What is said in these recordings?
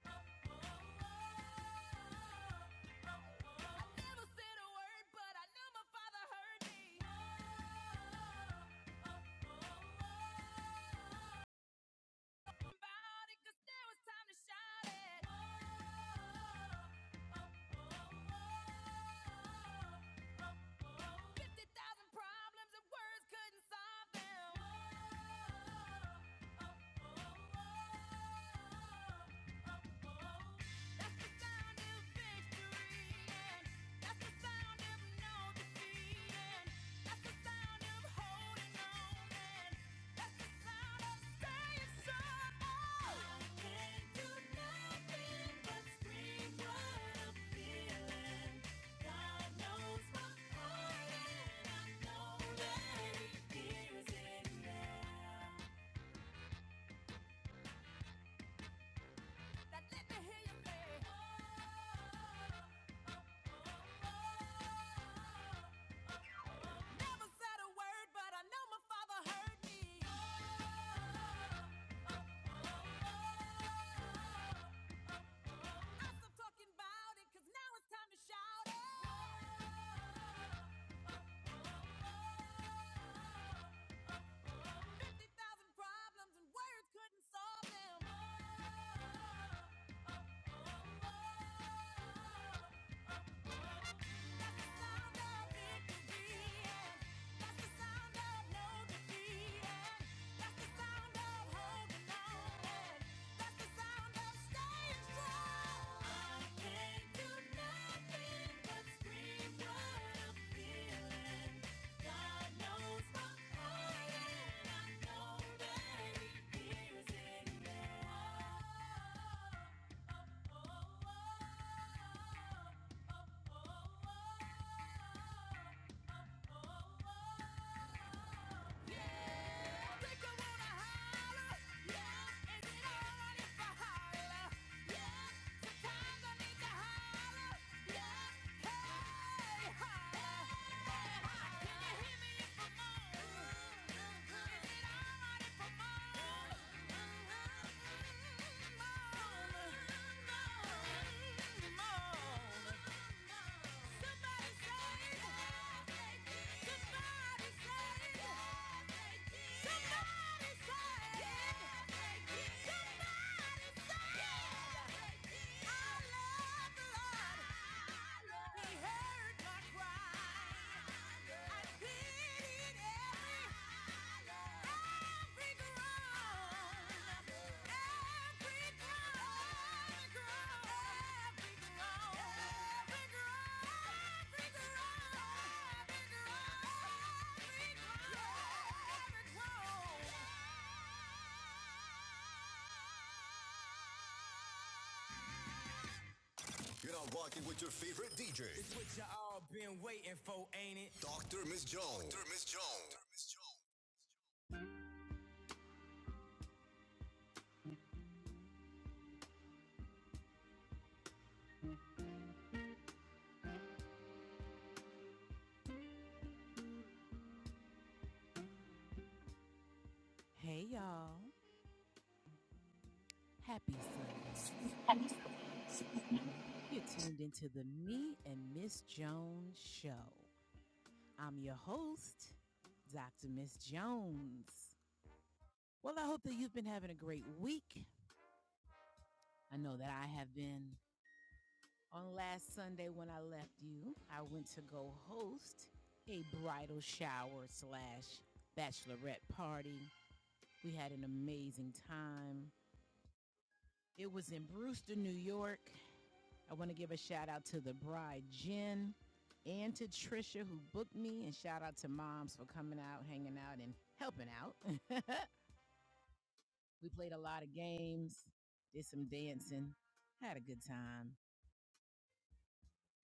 Oh Oh, oh, oh, oh, oh, oh, oh. 50,000 problems and words couldn't solve them. Oh, oh, oh, oh, oh, oh, oh. That's the sound of victory. Let me hear you say, oh. Never said a word, but I know my father heard me. I stopped talking about it, 'cause now it's time to shout it. 50,000 problems and words couldn't solve them. Oh, oh, oh, oh, Nothing but scream what I'm feeling. God knows my heart, and I know that He hears it now. Oh, oh, oh, oh, oh, oh, oh oh he heard my cry. I pity yeah. You're not rocking with your favorite DJ, It's what y'all been waiting for, ain't it? Dr. Miss Jones. Dr. Miss Jones. Hey y'all, happy Sundays. You're tuned into the Me and Miss Jones show. I'm your host, Dr. Miss Jones. Well, I hope that you've been having a great week. I know that I have been. On last Sunday, when I left you, I went to go host a bridal shower slash bachelorette party We had an amazing time. It was in Brewster, New York. I want to give a shout out to the bride, Jen, and to Trisha, who booked me, and shout out to moms for coming out, hanging out, and helping out. we played a lot of games, did some dancing, had a good time.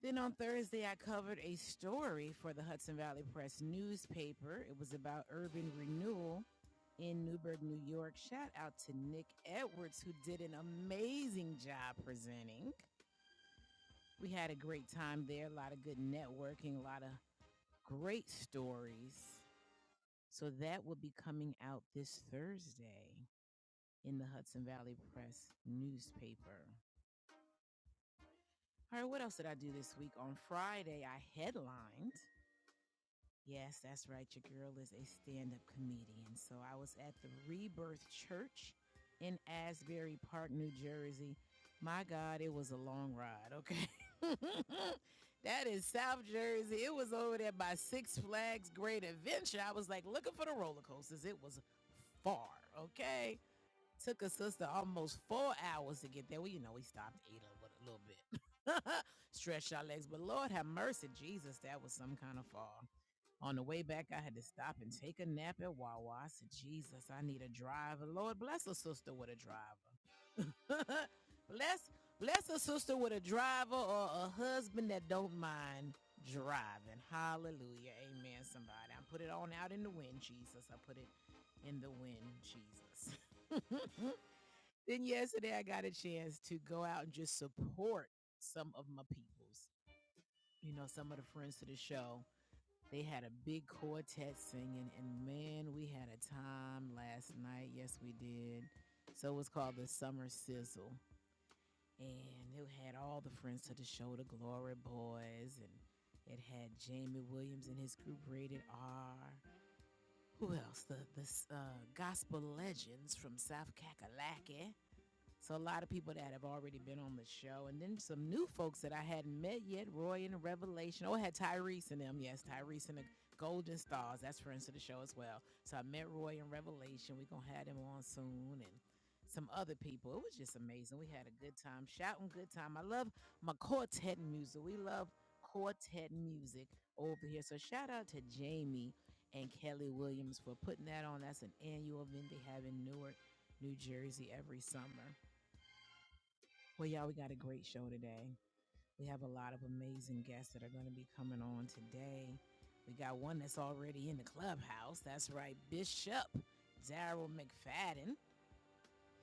Then on Thursday, I covered a story for the Hudson Valley Press newspaper. It was about urban renewal in Newburgh, New York. Shout out to Nick Edwards, who did an amazing job presenting. We had a great time there, a lot of good networking, a lot of great stories. So that will be coming out this Thursday in the Hudson Valley Press newspaper. All right, what else did I do this week? On Friday, I headlined Yes, that's right. Your girl is a stand up comedian. So I was at the Rebirth Church in Asbury Park, New Jersey. My God, it was a long ride, okay? that is South Jersey. It was over there by Six Flags Great Adventure. I was like looking for the roller coasters. It was far, okay? Took a sister almost four hours to get there. Well, you know, we stopped, ate a little, a little bit, stretched our legs. But Lord have mercy, Jesus, that was some kind of fall. On the way back, I had to stop and take a nap at Wawa. I said, Jesus, I need a driver. Lord, bless a sister with a driver. bless, bless a sister with a driver or a husband that don't mind driving. Hallelujah. Amen, somebody. I put it on out in the wind, Jesus. I put it in the wind, Jesus. then yesterday, I got a chance to go out and just support some of my peoples, you know, some of the friends to the show they had a big quartet singing, and man, we had a time last night. Yes, we did. So it was called the Summer Sizzle, and it had all the friends to the show, the Glory Boys, and it had Jamie Williams and his group Rated R. Who else? The the uh, Gospel Legends from South Kakalaki. So a lot of people that have already been on the show, and then some new folks that I hadn't met yet. Roy and Revelation. Oh, I had Tyrese and them. Yes, Tyrese and the Golden Stars. That's friends of the show as well. So I met Roy and Revelation. We're gonna have them on soon, and some other people. It was just amazing. We had a good time, shouting good time. I love my quartet music. We love quartet music over here. So shout out to Jamie and Kelly Williams for putting that on. That's an annual event they have in Newark, New Jersey every summer. Well, y'all, we got a great show today. We have a lot of amazing guests that are going to be coming on today. We got one that's already in the clubhouse. That's right, Bishop Daryl McFadden.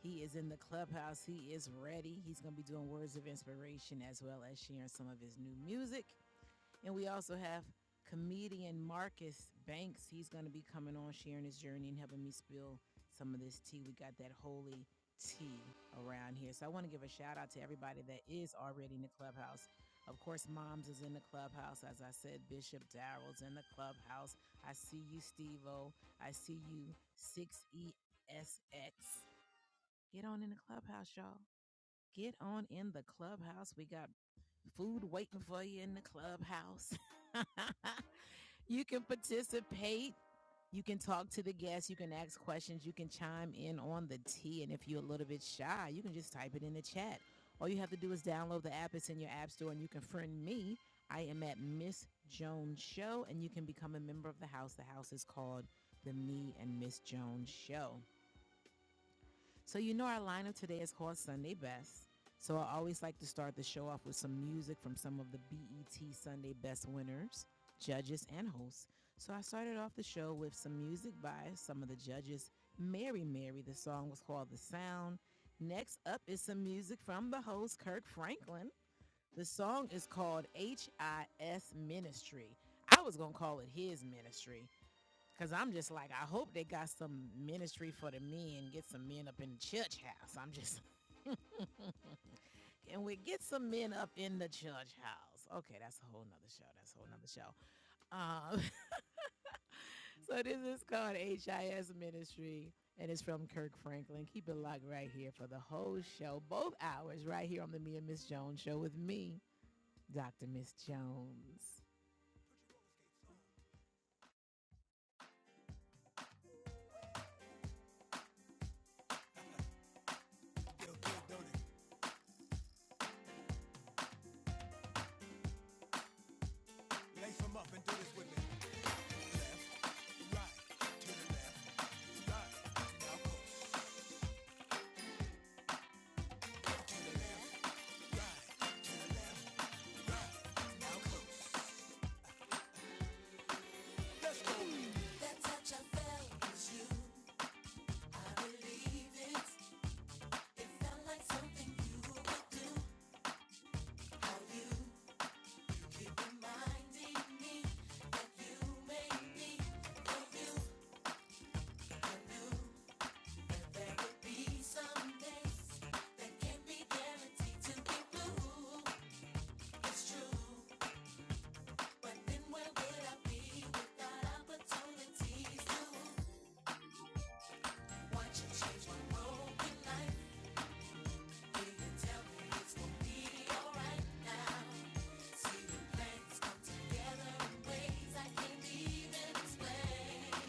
He is in the clubhouse. He is ready. He's going to be doing words of inspiration as well as sharing some of his new music. And we also have comedian Marcus Banks. He's going to be coming on, sharing his journey and helping me spill some of this tea. We got that holy tea around here. So I want to give a shout out to everybody that is already in the clubhouse. Of course, Moms is in the clubhouse. As I said, Bishop Darrell's in the clubhouse. I see you, Steve O. I see you, 6ESX. Get on in the clubhouse, y'all. Get on in the clubhouse. We got food waiting for you in the clubhouse. you can participate. You can talk to the guests. You can ask questions. You can chime in on the tea. And if you're a little bit shy, you can just type it in the chat. All you have to do is download the app. It's in your app store, and you can friend me. I am at Miss Jones Show, and you can become a member of the house. The house is called the Me and Miss Jones Show. So, you know, our lineup today is called Sunday Best. So, I always like to start the show off with some music from some of the BET Sunday Best winners, judges, and hosts. So, I started off the show with some music by some of the judges. Mary Mary, the song was called The Sound. Next up is some music from the host, Kirk Franklin. The song is called HIS Ministry. I was going to call it his ministry Cause I'm just like, I hope they got some ministry for the men, get some men up in the church house. I'm just, can we get some men up in the church house? Okay, that's a whole nother show. That's a whole nother show. Um, so this is called HIS Ministry, and it's from Kirk Franklin. Keep it locked right here for the whole show, both hours, right here on the Me and Miss Jones show with me, Dr. Miss Jones. That touch I felt is you. I believe it.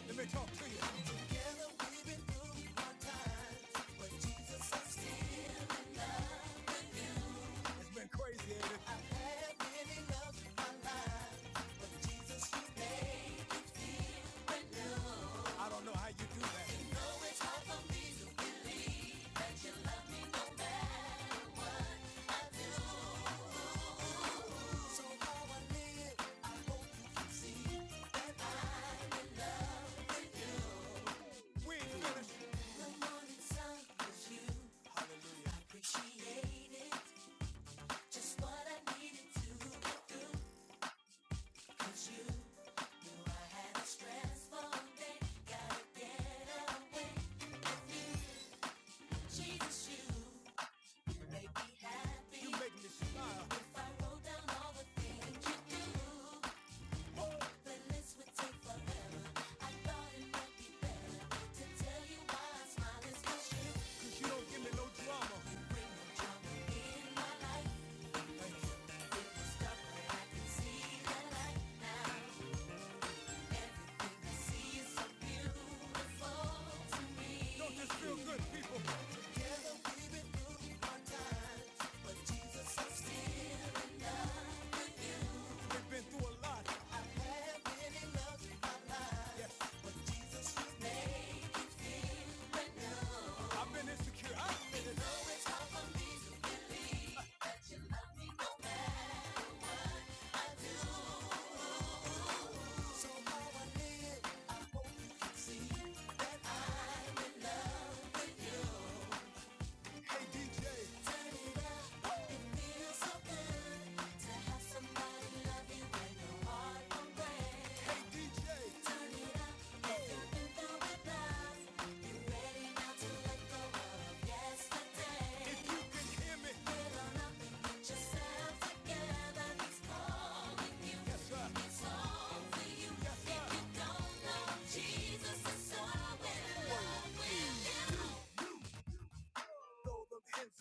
Let me talk to you. It's been crazy. and I I don't know how you do that. This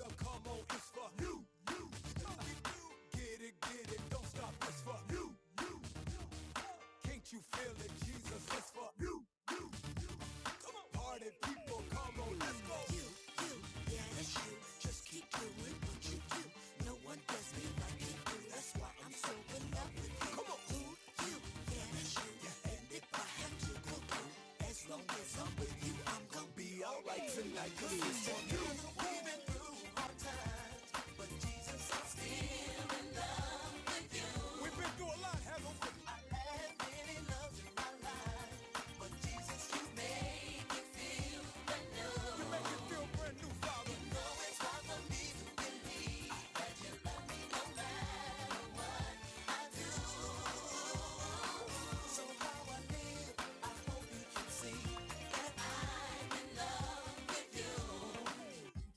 stuff come on. Get it, get it, don't stop. You go. You, you, yeah, that's you. Just keep doing what you do. No one does me like you do. That's why I'm so in love with you. Come on. who, you, you.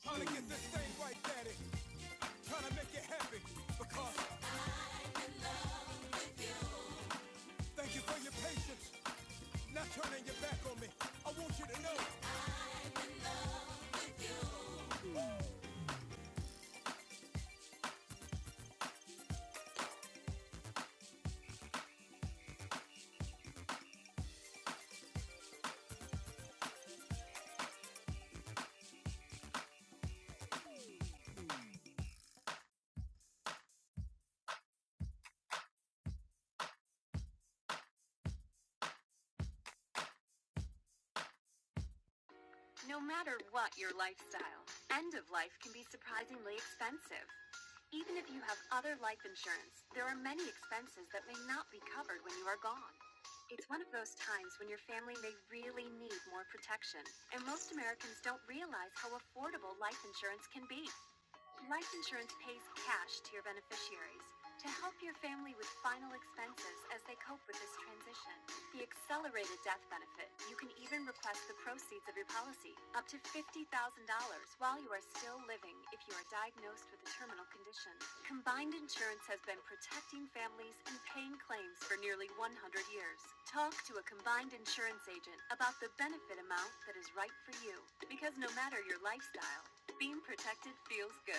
Trying to get this steady, trying to make it happy, When you let me, oh no. No matter what your lifestyle, end of life can be surprisingly expensive. Even if you have other life insurance, there are many expenses that may not be covered when you are gone. It's one of those times when your family may really need more protection, and most Americans don't realize how affordable life insurance can be. Life insurance pays cash to your beneficiaries to help your family with final expenses as they cope with this transition. The accelerated death benefit, you can even request the proceeds of your policy, up to $50,000 while you are still living if you are diagnosed with a terminal condition. Combined Insurance has been protecting families and paying claims for nearly 100 years. Talk to a combined insurance agent about the benefit amount that is right for you because no matter your lifestyle, being protected feels good.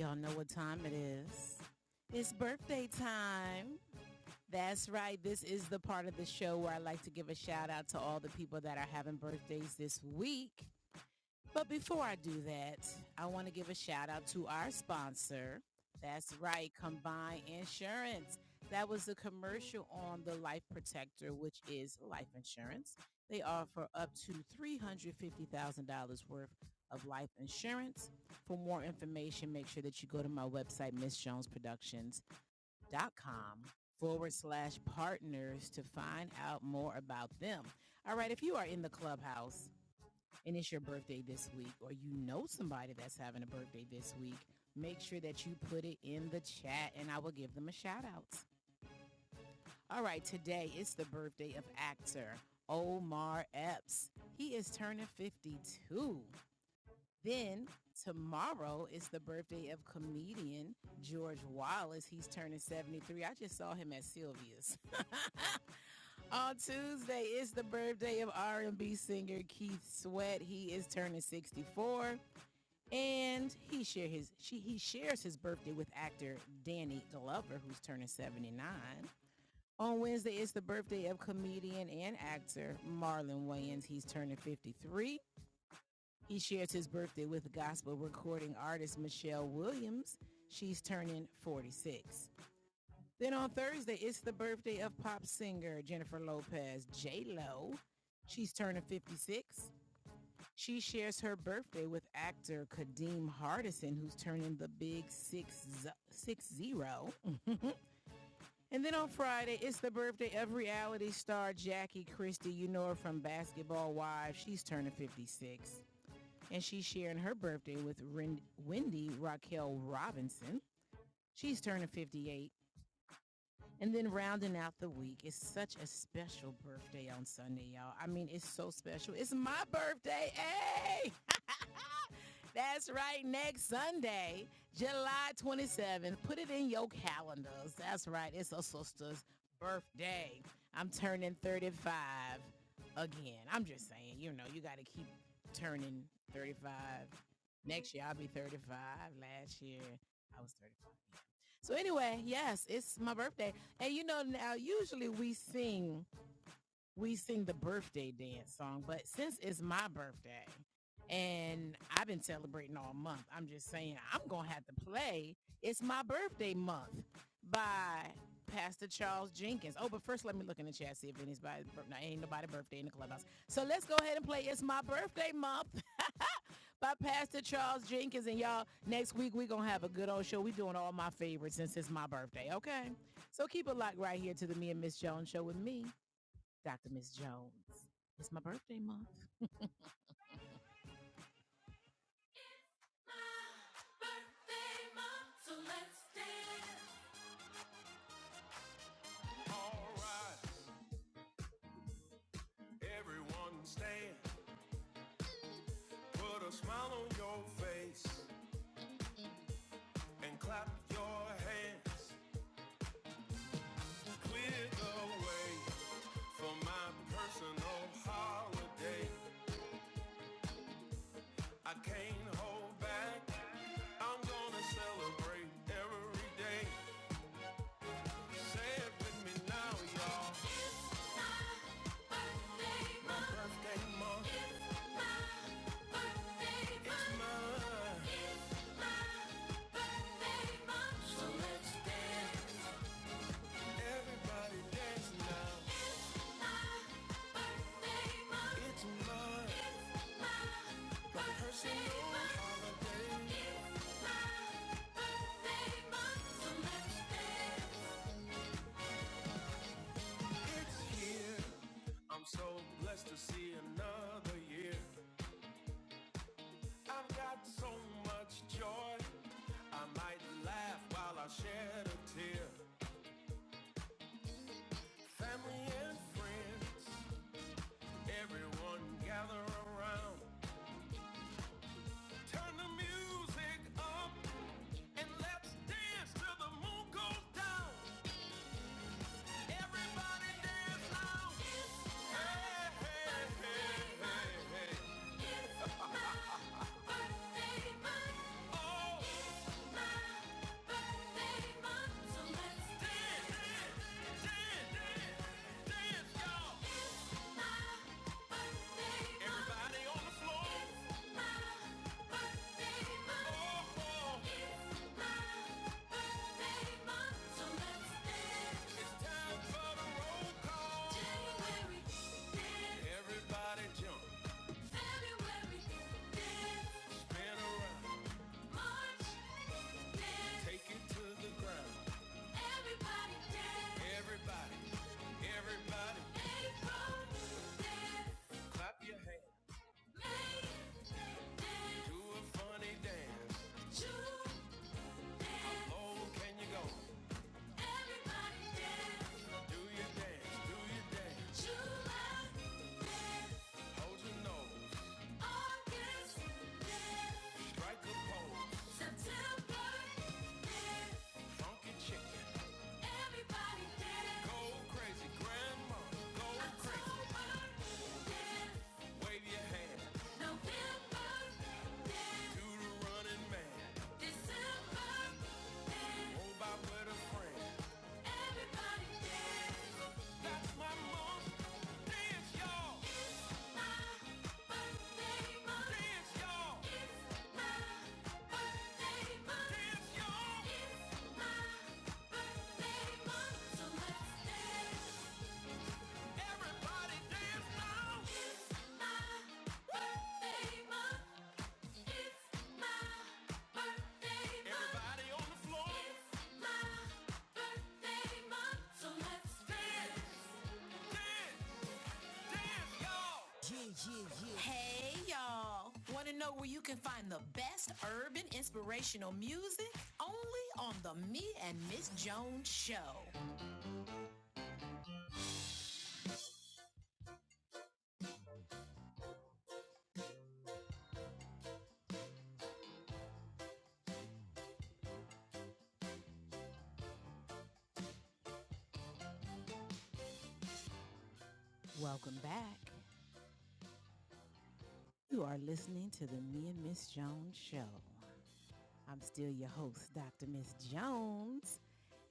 Y'all know what time it is. It's birthday time. That's right. This is the part of the show where I like to give a shout out to all the people that are having birthdays this week. But before I do that, I want to give a shout out to our sponsor. That's right, Combine Insurance. That was the commercial on the Life Protector, which is life insurance. They offer up to $350,000 worth of life insurance. For more information, make sure that you go to my website, miss jones productions dot com forward slash partners to find out more about them. All right, if you are in the clubhouse, and it's your birthday this week, or you know somebody that's having a birthday this week, make sure that you put it in the chat and I will give them a shout out. All right, today is the birthday of actor Omar Epps. He is turning 52. Then tomorrow is the birthday of comedian George Wallace. He's turning 73. I just saw him at Sylvia's. On Tuesday is the birthday of R&B singer Keith Sweat. He is turning 64. and he share his she he shares his birthday with actor Danny Glover, who's turning 79. On Wednesday is the birthday of comedian and actor Marlon Wayans. He's turning 53. He shares his birthday with gospel recording artist Michelle Williams. She's turning 46. Then on Thursday, it's the birthday of pop singer Jennifer Lopez, J Lo. She's turning 56. She shares her birthday with actor Kadeem Hardison, who's turning the big six, six zero. And then on Friday, it's the birthday of reality star Jackie Christie. You know her from Basketball Wives. She's turning 56. And she's sharing her birthday with Ren- Wendy Raquel Robinson. She's turning 58. And then rounding out the week is such a special birthday on Sunday, y'all. I mean, it's so special. It's my birthday. Hey! That's right. Next Sunday, July 27th. Put it in your calendars. That's right. It's our sister's birthday. I'm turning 35 again. I'm just saying, you know, you got to keep turning 35. Next year, I'll be 35. Last year, I was 35. So, anyway, yes, it's my birthday. And you know, now usually we sing we sing the birthday dance song. But since it's my birthday and I've been celebrating all month, I'm just saying I'm going to have to play It's My Birthday Month by Pastor Charles Jenkins. Oh, but first let me look in the chat, see if anybody's birthday. No, Ain't nobody birthday in the clubhouse. So let's go ahead and play It's My Birthday Month by Pastor Charles Jenkins. And y'all, next week we're going to have a good old show. we doing all my favorites since it's my birthday, okay? So keep it locked right here to the Me and Miss Jones show with me, Dr. Miss Jones. It's my birthday month. My birthday month, so let's dance. All right, everyone stand. Put a smile on your face and clap your hands. Clear the way for my personal holiday. I can't hold back. I'm gonna celebrate every day. Say it with me now, y'all. birthday month. Birthday It's my birthday it's month. Birthday So let's dance. Everybody dance now. Birthday month. It's My personal It's my birthday So let's dance. It's here. I'm so blessed to see another year. I've got so much joy. I might laugh while I shed a tear. Family and friends, everyone gather around. Turn the music up and let's dance till the moon goes down. Everybody dance now. It's my birthday month. Oh, it's my birthday month. So let's dance, dance, dance, dance, dance, y'all. Everybody on the floor. It's my birthday month. Oh, oh. It's my birthday so let's dance. It's time for the roll call. January, dance. Everybody jump. February, dance. Spin around. March, dance. Take it to the ground. Everybody dance. Everybody, everybody. April, dance. Clap your hands. Do a funny dance. How low can you go? Everybody dance, Do your dance, do your dance. July dance, Hold your nose, August dance, strike a pose. September dance, Funky chicken, everybody dance, go crazy. Grandma, go crazy. October dance, Wave your hand November dance, do the running man. December Oh, by what friend. everybody dance. That's my mom. Dance, y'all. It's my birthday month. Dance, y'all. It's my birthday month. Dance, y'all. It's my birthday month, so let's dance. Hey y'all! Want to know where you can find the best urban inspirational music? Only on the Me and Miss Jones Show. Welcome back. You are listening to the Me and Miss Jones Show. I'm still your host, Dr. Miss Jones.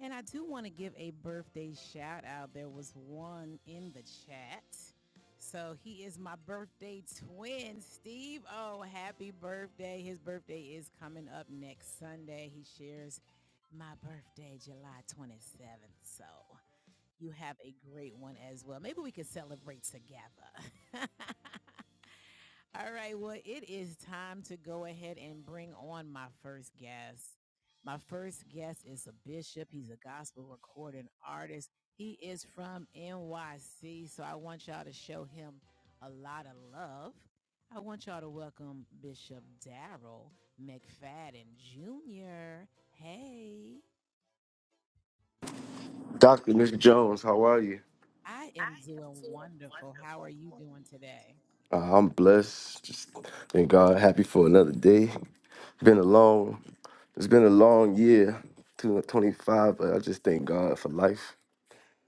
And I do want to give a birthday shout out. There was one in the chat. So he is my birthday twin, Steve. Oh, happy birthday. His birthday is coming up next Sunday. He shares my birthday, July 27th. So you have a great one as well. Maybe we can celebrate together. All right, well, it is time to go ahead and bring on my first guest. My first guest is a bishop. He's a gospel recording artist. He is from NYC, so I want y'all to show him a lot of love. I want y'all to welcome Bishop Daryl McFadden Jr. Hey, Dr. Nick Jones, how are you? I am doing wonderful. How are you doing today? Uh, I'm blessed. Just thank God. Happy for another day. Been a long, it's been a long year, 2025, but I just thank God for life,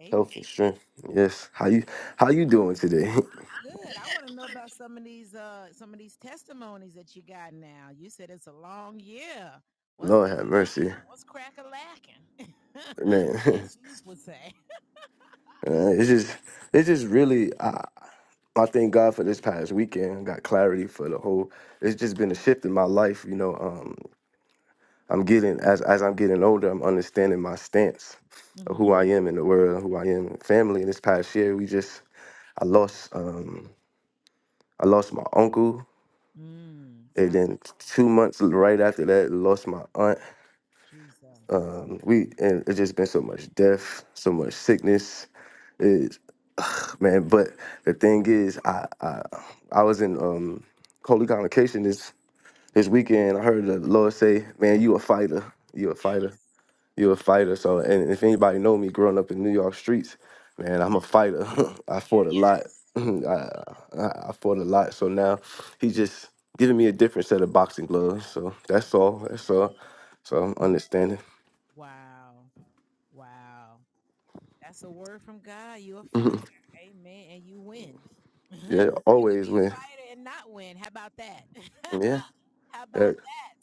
Amen. health, and strength. Yes. How you how you doing today? Good. I want to know about some of these uh some of these testimonies that you got now. You said it's a long year. What's Lord going have mercy. on? What's crack a lacking? As Man. Snoop would say. Uh, it's just it's just really I, I thank God for this past weekend. I got clarity for the whole it's just been a shift in my life, you know. Um I'm getting as as I'm getting older, I'm understanding my stance of Mm-hmm. who I am in the world, who I am in family. And this past year, we just I lost um I lost my uncle, Mm, and sorry. then two months right after that, lost my aunt. Jesus. Um, we and it's just been so much death, so much sickness. It, man, but the thing is, I I, I was in um holy convocation this this weekend. I heard the Lord say, "Man, you a fighter. You a fighter." Yes. you a fighter. So, and if anybody know me growing up in New York streets, man, Mm, I'm a fighter. I fought a lot. yes. I, I I fought a lot. So now he just giving me a different set of boxing gloves. So that's all. Mm. That's all. So I'm understanding. Wow. Wow. That's a word from God. You a Mhm. fighter. Amen. And you win. you yeah, could be always a win. fighter and not win. How about that? Yeah. How about that- that?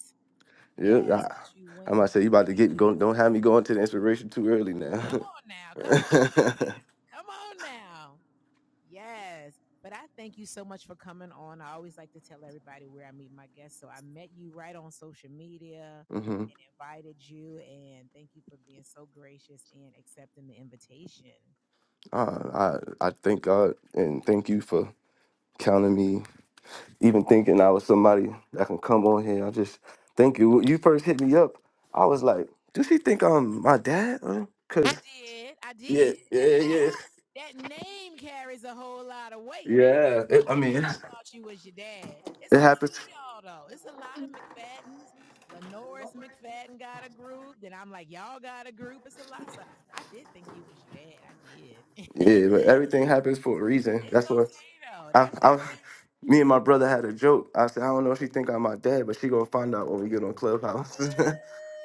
yeah. Yes, that you I, I win. might say that you you about to like get go. Don't Jesus. have me going to the inspiration too early now. Come on now. Come on. now, Come on now. Yes. But I thank you so much for coming on. I always like to tell everybody where I meet my guests. So I met you right on social media hmm and invited you. And thank you for being so gracious and accepting the invitation. uh, I I thank God and thank you for counting me. even thinking I was somebody that can come on here. I just thank you. When You first hit me up. I was like, does he think I'm my dad? Or- I Cause did. I did. yeah, yeah, yeah, that name carries a whole lot of weight. yeah. It, I I mean, sure it's- thought you was your dad. It's it a lot happens. of y'all though. It's a lot of McFaddens. Lenoris McFadden got a group. Then I'm like, y'all got a group. It's a lot. So I did think you was your dad. I did. Yeah, but it's everything happens for a reason. That's what okay though. I, That's I. all right. Me and my brother had a joke. I said, I don't know if she think I'm my dad, but she gonna find out when we get on Clubhouse.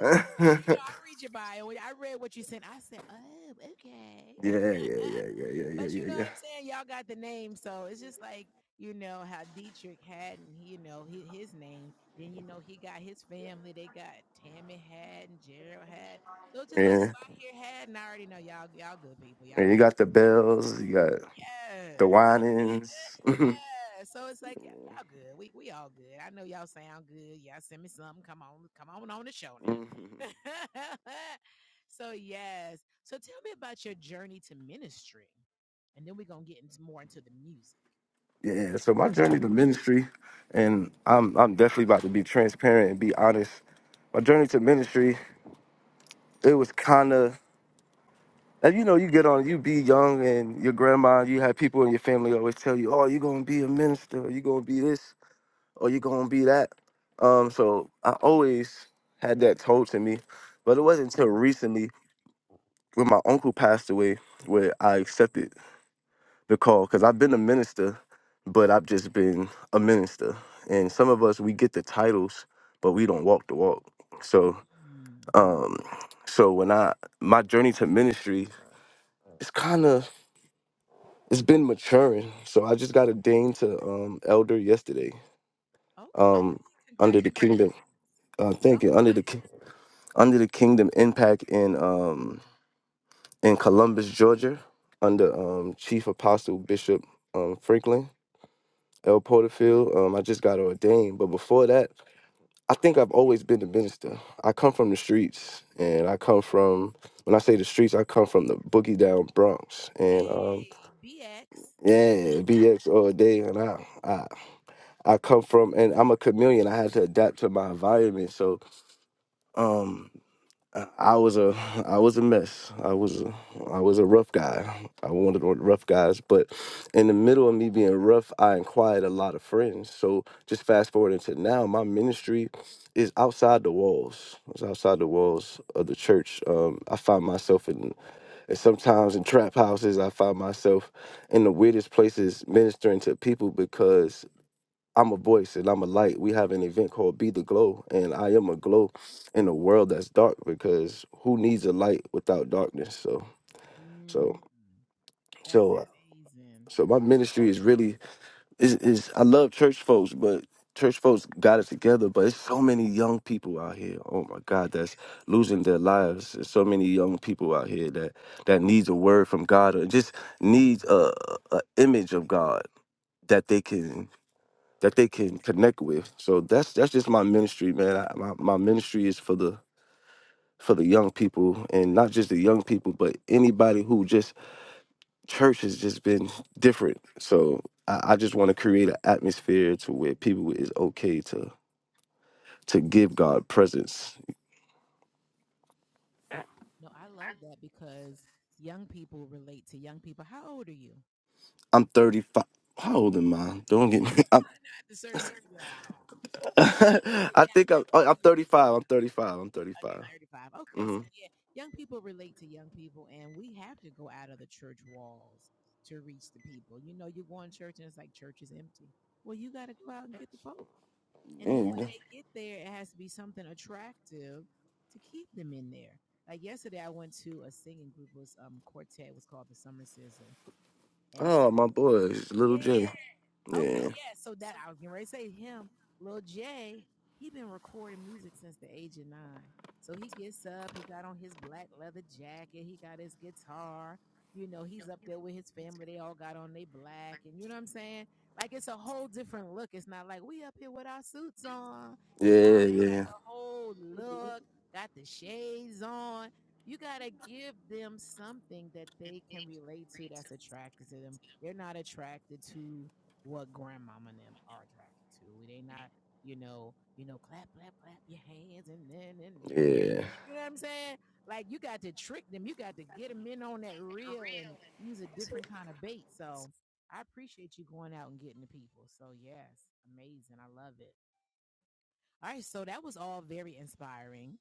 yeah, Now you know I read your bio. I read what you sent. I said, oh, yeah, okay. yeah, yeah, yeah, yeah, But you yeah, know yeah. what I'm saying? Y'all got the name, so it's just like you know how Dietrich Haddon, he- you know his, his name. Then you know he got his family. They got Tammy Haddon, Gerald Haddon. So it's just like if Yeah, I hear Haddon, I already know y'all y'all good people. Y'all and you good. got the bells, you got the yes. whinings. yeah. So it's like, yeah, y'all good. We we all good. I know y'all sound good. Y'all send me something. Come on, come on on the show Mhm. now. so yes. So tell me about your journey to ministry. And then we're gonna get into more into the music. Yeah, so my journey to ministry, and I'm I'm definitely about to be transparent and be honest. My journey to ministry, it was kind of, and you know, you get on, you be young, and your grandma, you have people in your family always tell you, oh, you're gonna be a minister, you're gonna be this, or you're gonna be that. Um, so I always had that told to me, but it wasn't until recently when my uncle passed away where I accepted the call because I've been a minister, but I've just been a minister. And some of us we get the titles, but we don't walk the walk. So um so when I my journey to ministry it's kind of it's been maturing. So I just got ordained to um elder yesterday. Okay. Um under the Congratulations. kingdom uh thank you under the ki- under the kingdom impact in um in Columbus, Georgia under um chief apostle bishop um Franklin El Porterfield. Um, I just got ordained, but before that, I think I've always been a minister. I come from the streets, and I come from when I say the streets, I come from the boogie down Bronx, and um, yeah, BX all day, and I, I I come from, and I'm a chameleon. I had to adapt to my environment, so um. I I was a I was a mess. I was a, I was a rough guy. I wanted one of the rough guys, but in the middle of me being rough, I acquired a lot of friends. So just fast forward into now, my ministry is outside the walls. It's outside the walls of the church. Um, I find myself in, and sometimes in trap houses. I find myself in the weirdest places ministering to people because I'm a voice and I'm a light. We have an event called Be the Glow, and I am a glow in a world that's dark because who needs a light without darkness? So, Mm, so, that's so, uh, amazing. so my ministry is really is is I love church folks, but church folks got it together. But it's so many young people out here. Oh my God, that's losing their lives. There's so many young people out here that that needs a word from God or just needs a, a image of God that they can that they can connect with. So that's that's just my ministry, man. I, my my ministry is for the for the young people, and not just the young people, but anybody who just church has just been different. So I, I just want to create an atmosphere to where people is okay to to give God presence. No, I love that because young people relate to young people. How old are you? I'm 35. How old am I? Don't get me. I'm, Not the certain age you be like, I don't know. and the I count think I'm. like, what oh, I'm year was I 35. I'm 35. I'm Okay, 35. 35. Okay, so yeah, young people relate to young people, and we have to go out of the church walls to reach the people. You know, you go in church and it's like church is empty. Well, you got to go out and get the folk. And then Mm-hmm. when they get there, it has to be something attractive to keep them in there. Like yesterday, I went to a singing group, it was um quartet, it was called the Summer Sizzle. And Oh, so, my boy, Little J. yeah. Okay, Yeah. yeah. So that I was getting ready to say him, Lil J, he been recording music since the age of nine. So he gets up, he got on his black leather jacket, he got his guitar. You know, he's up there with his family. They all got on they black, and you know what I'm saying? Like it's a whole different look. It's not like we up here with our suits on. No, Yeah, they got yeah. the whole look, got the shades on. You gotta give them something that they can relate to that's attracted to them. They're not attracted to what grandmama and them are attracted to. They not, you know, you know, clap, clap, clap your hands and then and there. Yeah. You know what I'm saying? Like you got to trick them. You got to get them in on that reel and use a different kind of bait. So I appreciate you going out and getting the people. So yes, amazing. I love it. All right, so that was all very inspiring.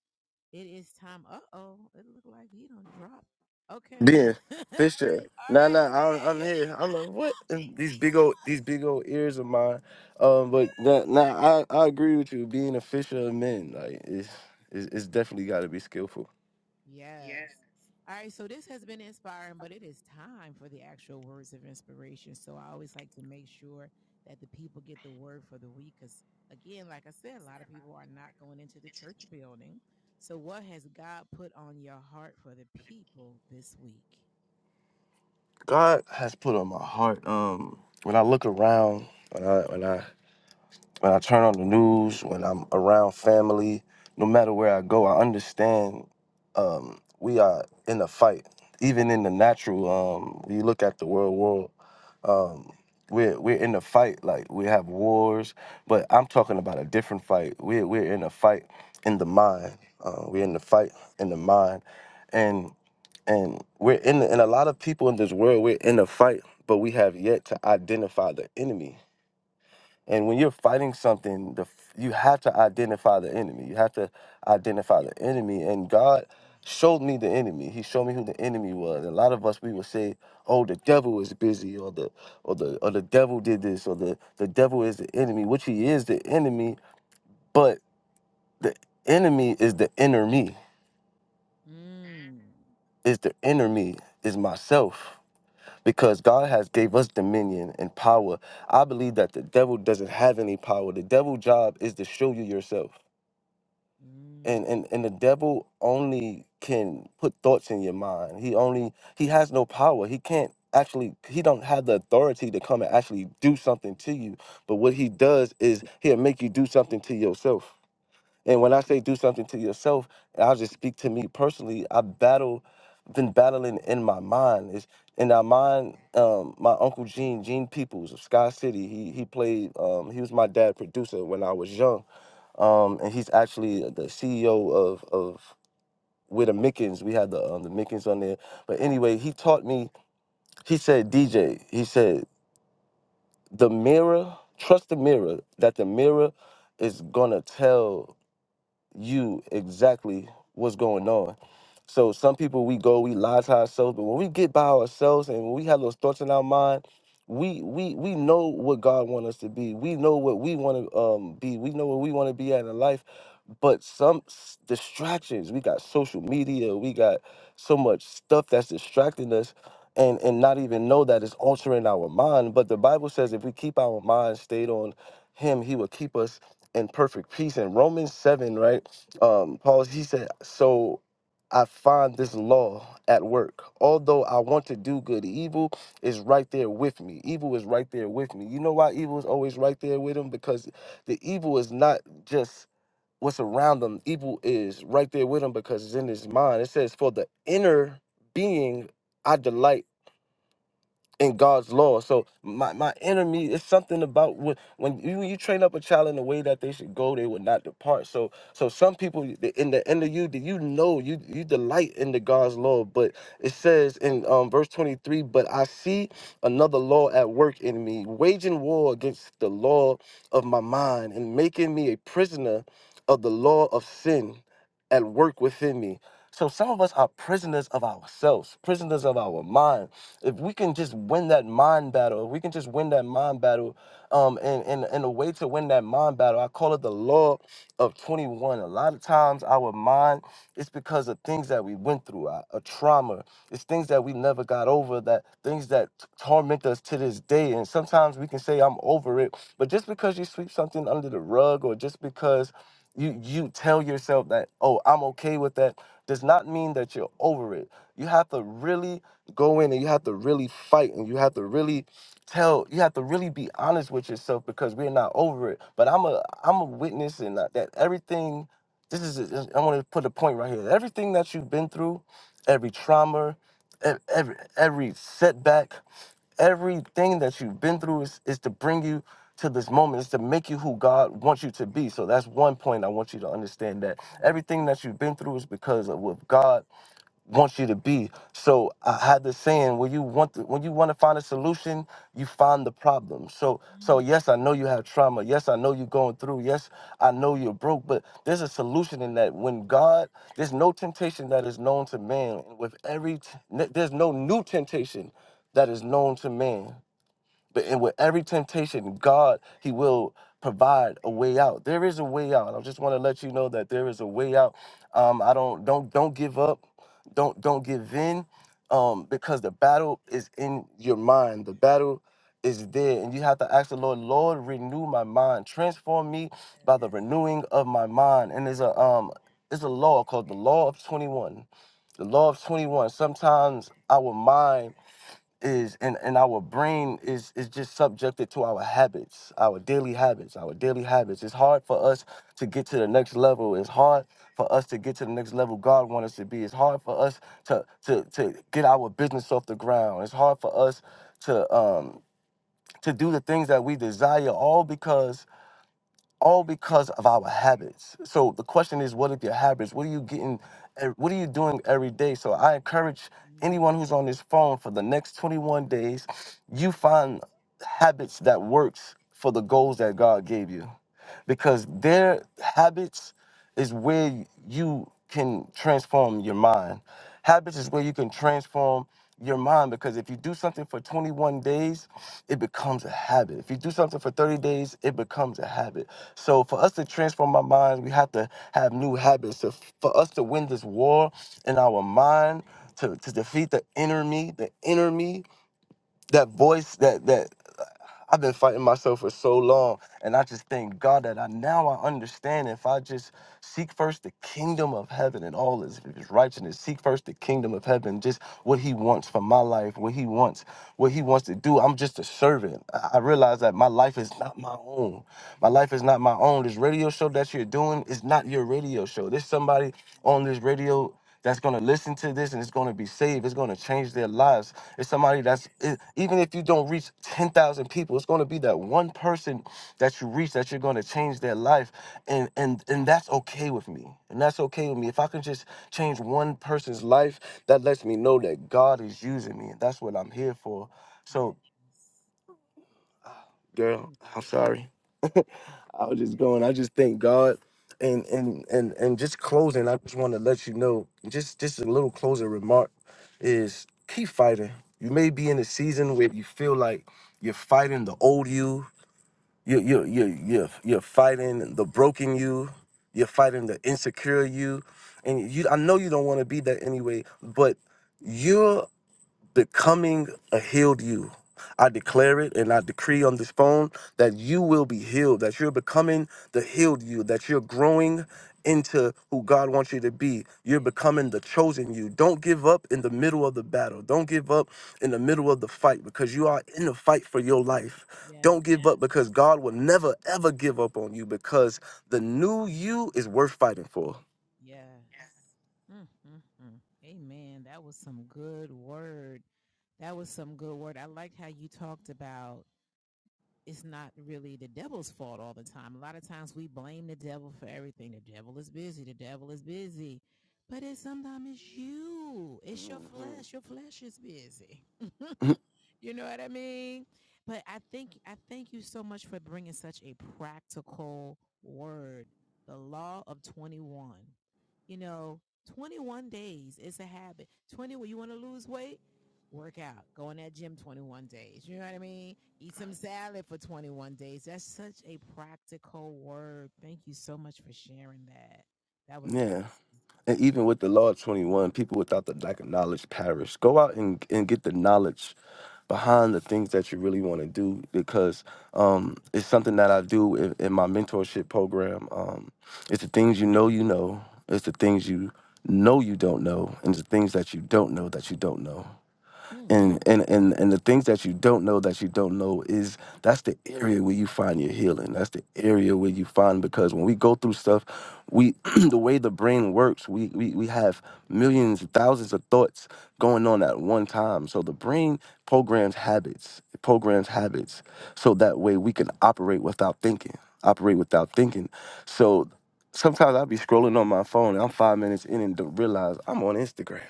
It is time. Uh oh, it looked like he don't drop. Okay, Then all right, Fisher. Nah, nah. you I'm, there? You I'm there? here. I'm like, what? And these Jesus. big old, these big old ears of mine. Um, but nah, nah I, I agree with you. Being a fisher of men, like, it's, it's, it's definitely got to be skillful. Yes. All right. So this has been inspiring, but it is time for the actual words of inspiration. So I always like to make sure that the people get the word for the week. Because again, like I said, a lot of people are not going into the church building. So what has God put on your heart for the people this week? God has put on my heart. Um, when I look around, when I, when I When I turn on the news, when I'm around family, no matter where I go, I understand um, we are in a fight. Even in the natural, um, when you look at the world world, um, we're we're in a fight. Like we have wars, but I'm talking about a different fight. We're we're in a fight in the mind. Uh, we're in the fight in the mind, and and we're in. The, and a lot of people in this world, we're in a fight, but we have yet to identify the enemy and when you're fighting something, the f- you have to identify the enemy. You have to identify the enemy. And God showed me the enemy. He showed me who the enemy was. A lot of us we would say, "Oh, the devil is busy," or the or the or the devil did this, or the the devil is the enemy, which he is the enemy. But the enemy is the inner me. Mm, Is the inner me is myself. Because God has gave us dominion and power. I believe that the devil doesn't have any power. The devil's job is to show you yourself mm, and and and the devil only can put thoughts in your mind he only he has no power he can't actually he don't have the authority to come and actually do something to you but what he does is he'll make you do something to yourself and when i say do something to yourself i'll just speak to me personally i battle been battling in my mind is in our mind um my uncle gene gene peoples of sky city he he played um he was my dad producer when i was young um, and he's actually the CEO of of with the Mickens. We had the um, the Mickens on there, but anyway, he taught me. He said, DJ, he said the mirror. Trust the mirror. That the mirror is gonna tell you exactly what's going on. So some people we go, we lie to ourselves, but when we get by ourselves and when we have those thoughts in our mind, we we we know what God wants us to be. We know what we want to um be. We know what we want to be at in life. But some s- distractions, we got social media, we got so much stuff that's distracting us and and not even know that it's altering our mind. But the Bible says if we keep our mind stayed on him, he will keep us in perfect peace. And Romans 7, right? um, Paul's, he said, So I find this law at work. Although I want to do good, evil is right there with me. Evil is right there with me. You know why evil is always right there with him? Because the evil is not just what's around him, evil is right there with him because it's in his mind. It says, For the inner being, I delight in God's law. So my, my enemy is something about when, when you you train up a child in the way that they should go, they will not depart. So so some people the- in the end of you, that you know you you delight in the God's law, but it says in um, verse twenty three, but I see another law at work in me, waging war against the law of my mind and making me a prisoner of the law of sin at work within me. So some of us are prisoners of ourselves, prisoners of our mind if we can just win that mind battle, if we can just win that mind battle, um, and and and a way to win that mind battle, I call it the law of 21. A lot of times our mind, it's because of things that we went through, a, a trauma. It's things that we never got over, that things that t- torment us to this day. And sometimes we can say, I'm over it. But just because you sweep something under the rug or just because you you tell yourself that, oh, I'm okay with that, does not mean that you're over it. You have to really go in and you have to really fight and you have to really tell you have to really be honest with yourself because we're not over it but i'm a i'm a witness and that that everything this is a- i want to put a point right here everything that you've been through every trauma e- every every setback everything that you've been through is, is to bring you to this moment is to make you who god wants you to be so that's one point i want you to understand that mm, everything that you've been through is because of what god wants you to be. So I had this saying: when you want to, when you want to find a solution, you find the problem. So so mm, yes, I know you have trauma. Yes, I know you're going through. Yes, I know you're broke. But there's a solution in that. When God, there's no temptation that is known to man. With every, t- there's no new temptation that is known to man. But and with every temptation, God, He will provide a way out. There is a way out. I just want to let you know that there is a way out. Um, I don't don't don't give up. Don't don't give in. Um, because the battle is in your mind. The battle is there, and you have to ask the Lord, Lord, renew my mind, transform me by the yes. renewing of my mind. And there's a um, there's a law called the law of twenty one. The law of twenty one. Sometimes our mind is and, and our brain is is just subjected to our habits, our daily habits, our daily habits. It's hard for us to get to the next level. It's hard for us to get to the next level God wants us to be. It's hard for us to to to get our business off the ground. It's hard for us to um to do the things that we desire all because all because of our habits. So the question is, what are your habits? What are you getting? eh, What are you doing every day? So I encourage Mm, anyone who's on this phone for the next 21 days, you find habits that works for the goals that God gave you, because their habits is where you can transform your mind. Habits is where you can transform your mind because if you do something for 21 days, it becomes a habit. If you do something for 30 days, it becomes a habit so for us to transform our minds, we have to have new habits. So for us to win this war in our mind, to, to defeat the enemy, the enemy that voice that that I've been fighting myself for so long, and I just thank God that I now I understand. If I just seek first the kingdom of heaven and all his, his righteousness, seek first the kingdom of heaven, just what He wants for my life, what He wants, what He wants to do. I'm just a servant. I I realize that my life is not my own. My life is not my own. This radio show that you're doing is not your radio show. There's somebody on this radio that's going to listen to this and it's going to be saved. It's going to change their lives. It's somebody that's it, even if you don't reach ten thousand people, it's going to be that one person that you reach that you're going to change their life, and and and that's okay with me, and that's okay with me. If I can just change one person's life, that lets me know that God is using me, and that's what I'm here for. yes. So, Yes. girl, Amen. I'm sorry. I was just Amen. going. I just thank God, and and and and just closing. I just want to let you know. Just just a little closing remark is keep fighting. You may be in a season where you feel like you're fighting the old you. You you you you you're fighting the broken you. You're fighting the insecure you, and you. I know you don't want to be that anyway, but. you're becoming a healed you. I Yes. declare it and I decree on this phone that you will be healed, that you're becoming the healed you, that you're growing into who God wants you to be. You're Yes. becoming the chosen you. Don't give up in the middle of the battle. Don't give up in the middle of the fight because you are in the fight for your life. Yes. Don't give up because God will never, ever give up on you because the new you is worth fighting for. Yes. Mm, mm, mm. Amen. That was some good word. That was some good word. I liked how you talked about it's not really the devil's fault all the time. A lot of times we blame the devil for everything. The devil is busy. The devil is busy. But it's sometimes it's you. It's your flesh. Your flesh is busy. hmm you know what I mean? But I think I thank you so much for bringing such a practical word. The law of 21. You know, 21 days is a habit. 21 you want to lose weight? Work out. Go in that gym 21 days. You know what I mean? Eat some salad for 21 days. That's such a practical word. Thank you so much for sharing that. That was a Yeah. and even with the law of 21 people without the lack of knowledge perish go out and, and get the knowledge behind the things that you really want to do because um, it's something that i do in, in my mentorship program um, it's the things you know you know it's the things you know you don't know and the things that you don't know that you don't know blessing. and, and and and the things that you don't know that you don't know is that's the area where you find your healing. That's the area where you find because when we go through stuff, we the way the brain works, we we we have millions, thousands of thoughts going on at one time. So the brain programs habits, it programs habits, so that way we can operate without thinking, operate without thinking. So sometimes I'll be scrolling on my phone. I'm five minutes in and don't realize I'm on Instagram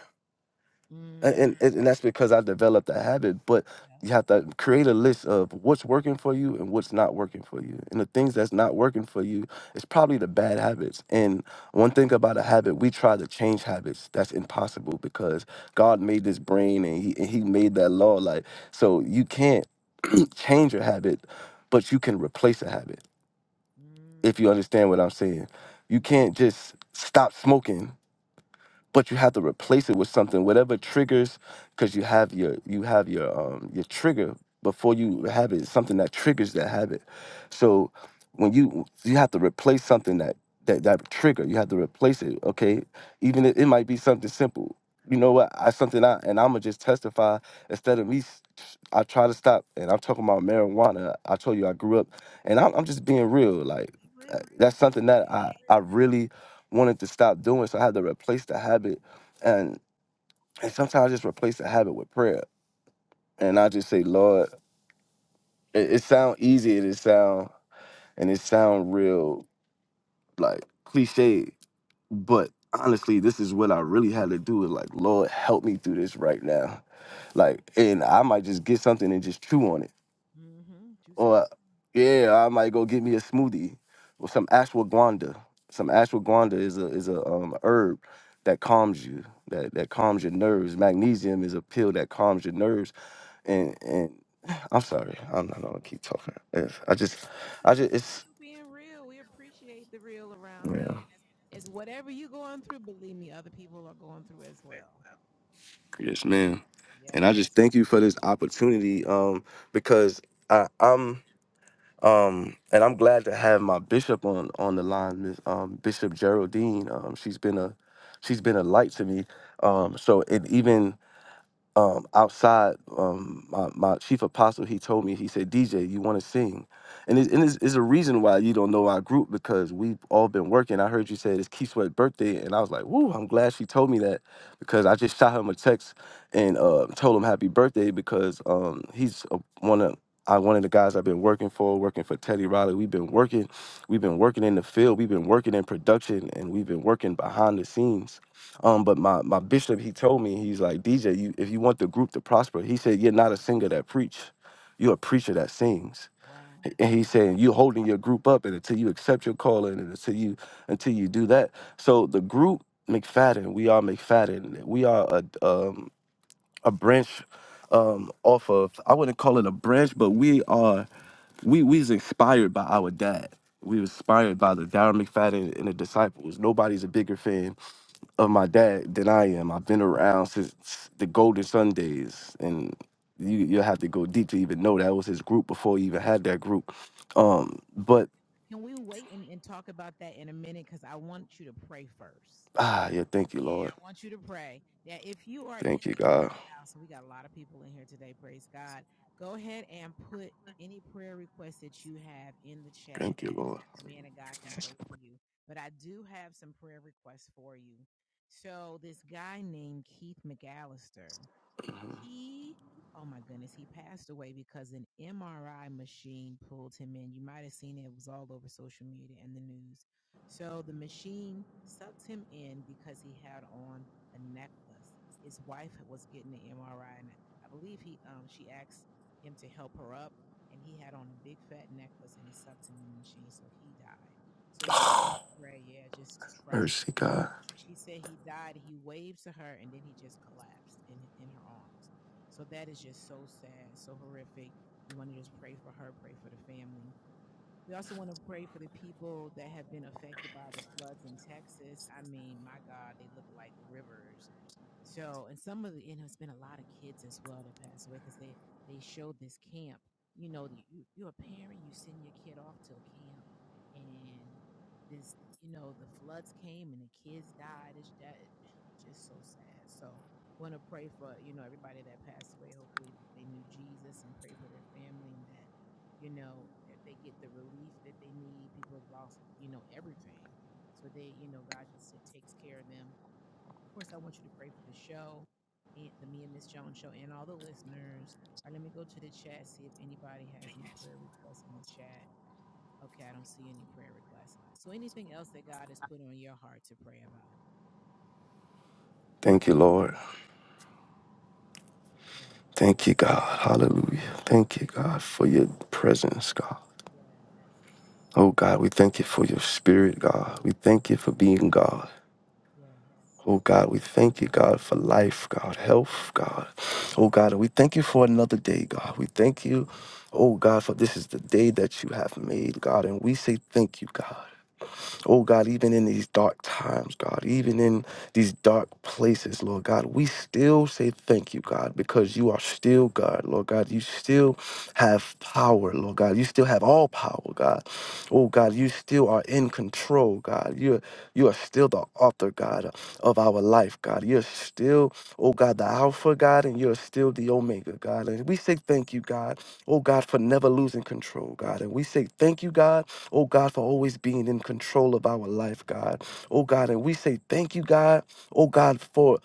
Mm. and, Mm. and and that's because I developed a habit. But Yeah. you have to create a list of what's working for you and what's not working for you. And the things that's not working for you is probably the bad habits. And one thing about a habit, we try to change habits. That's impossible because God made this brain and He and He made that law. Like so, you can't change a habit, but you can replace a habit. Mm. If you understand what I'm saying, you can't just stop smoking but you have to replace it with something whatever triggers because you have your you have your um your trigger before you have it something that triggers that habit so when you you have to replace something that that that trigger you have to replace it okay even if it might be something simple you know what i something i and i'm gonna just testify instead of me s- i try to stop and i'm talking about marijuana i told you i grew up and i'm, I'm just being real like uh, that's something that i i really wanted to stop doing. So I had to replace the habit. And, and sometimes I just replace the habit with prayer. And I just say, Lord, it, it sound easy, it is sound and it sound real like cliche, but honestly, this is what I really had to do is like, Lord, help me through this right now. Like, and I might just get something and just chew on it Mm. hmm Do some. Or yeah, I might go get me a smoothie or some ashwagandha. Some ashwagandha is a is a um, herb that calms you, that that calms your nerves. Magnesium is a pill that calms your nerves. And and I'm sorry, I'm not gonna keep talking. It's- I just, Oh, you I good? just, it's You being real. We appreciate the real around here. yeah, It's whatever you are going through. Believe me, other people are going through as well. yes, ma'am. So yes. And I just thank you for this opportunity, um, because I, I'm. Um, and I'm glad to have my bishop on on the line, Miss um, Bishop Geraldine. Um, she's been a she's been a light to me. Um, so it even um, outside, um, my, my chief apostle, he told me, he said, DJ, you want to sing? And, it, and it's, it's a reason why you don't know our group because we've all been working. I heard you say it's Key Sweat's birthday. And I was like, woo, I'm glad she told me that because I just shot him a text and uh, told him happy birthday because um, he's a, one of, I, one of the guys I've been working for, working for Teddy Riley. We've been working, we've been working in the field, we've been working in production, and we've been working behind the scenes um, but my my bishop he told me he's like DJ, you if you want the group to prosper, he said you're not a singer that preach, you're a preacher that sings. And he's saying you holding your group up, and until you accept your calling, and until you until you do that, so the group McFadden, we are McFadden, we are a um, a branch um, off of I wouldn't call it a branch, but we are we we's inspired by our dad. We was inspired by the Darren McFadden and the disciples. Nobody's a bigger fan of my dad than I am. I've been around since the Golden Sun days, and you you'll have to go deep to even know that was his group before he even had that group. Um, but Can we wait and, and talk about that in a minute? Because I want you to pray first. ah, yeah, thank you, Lord. Yeah, I want you to pray now. if you are in Thank you, the God. clubhouse, and we got a lot of people in here today, praise God, go ahead and put any prayer requests that you have in the chat. Thank you, Lord. The man of God can pray for you. But I do have some prayer requests for you. So, this guy named Keith McAllister he oh my goodness he passed away because an mri machine pulled him in you might have seen it, it was all over social media and the news so the machine sucked him in because he had on a necklace his wife was getting the mri and i believe he um she asked him to help her up and he had on a big fat necklace and it sucked him in the machine so he died so we wanted to Oh, pray yeah just trash Mercy, God. she said he died. He waved to her, and then he just collapsed in in her arms. So that is just so sad, so horrific. We want to just pray for her, pray for the family. We also want to pray for the people that have been affected by the floods in Texas. I mean, my God, they look like rivers so, and some of the, you know, it's been a lot of kids as well that passed away because they they showed this camp. You know, that you you're a parent, you send your kid off to a camp, and this, you know, the floods came and the kids died. It's that just so sad. So, want to pray for you know everybody that passed away. Hopefully, that they knew Jesus and pray for their family and that you know if they get the relief that they need. People have lost you know everything, so they you know God just takes care of them of course, I want you to pray for the show, the Me and Miss Jones show, and all the listeners. All right, let me go to the chat, see if anybody has any prayer requests in the chat. Okay, I don't see any prayer requests. So, anything else that God has put on your heart to pray about? Thank you, Lord. Thank Yes, you, God. Hallelujah. Thank you, God, for your presence, God. yes, Oh, God, we thank you for your spirit, God. We thank you for being God. yes, Oh God, we thank you, God, for life, God, health, God. Oh God, we thank you for another day, God. We thank you, oh God, for this is the day that you have made, God. And we say thank you, God. Oh God, even in these dark times, God, even in these dark places, Lord God, we still say thank you, God, because you are still God, Lord God. You still have power, Lord God. You still have all power, God. yes, Oh God, you still are in control, God. You're you are still the author, God, of our life, God. You're still, oh God, the Alpha, God, and you're still the Omega, God. And we say thank you, God, oh God, for never losing control, God. And we say thank you, God. Oh God, for always being in control of our life, God. Oh God, and we say thank you, God. Oh God, for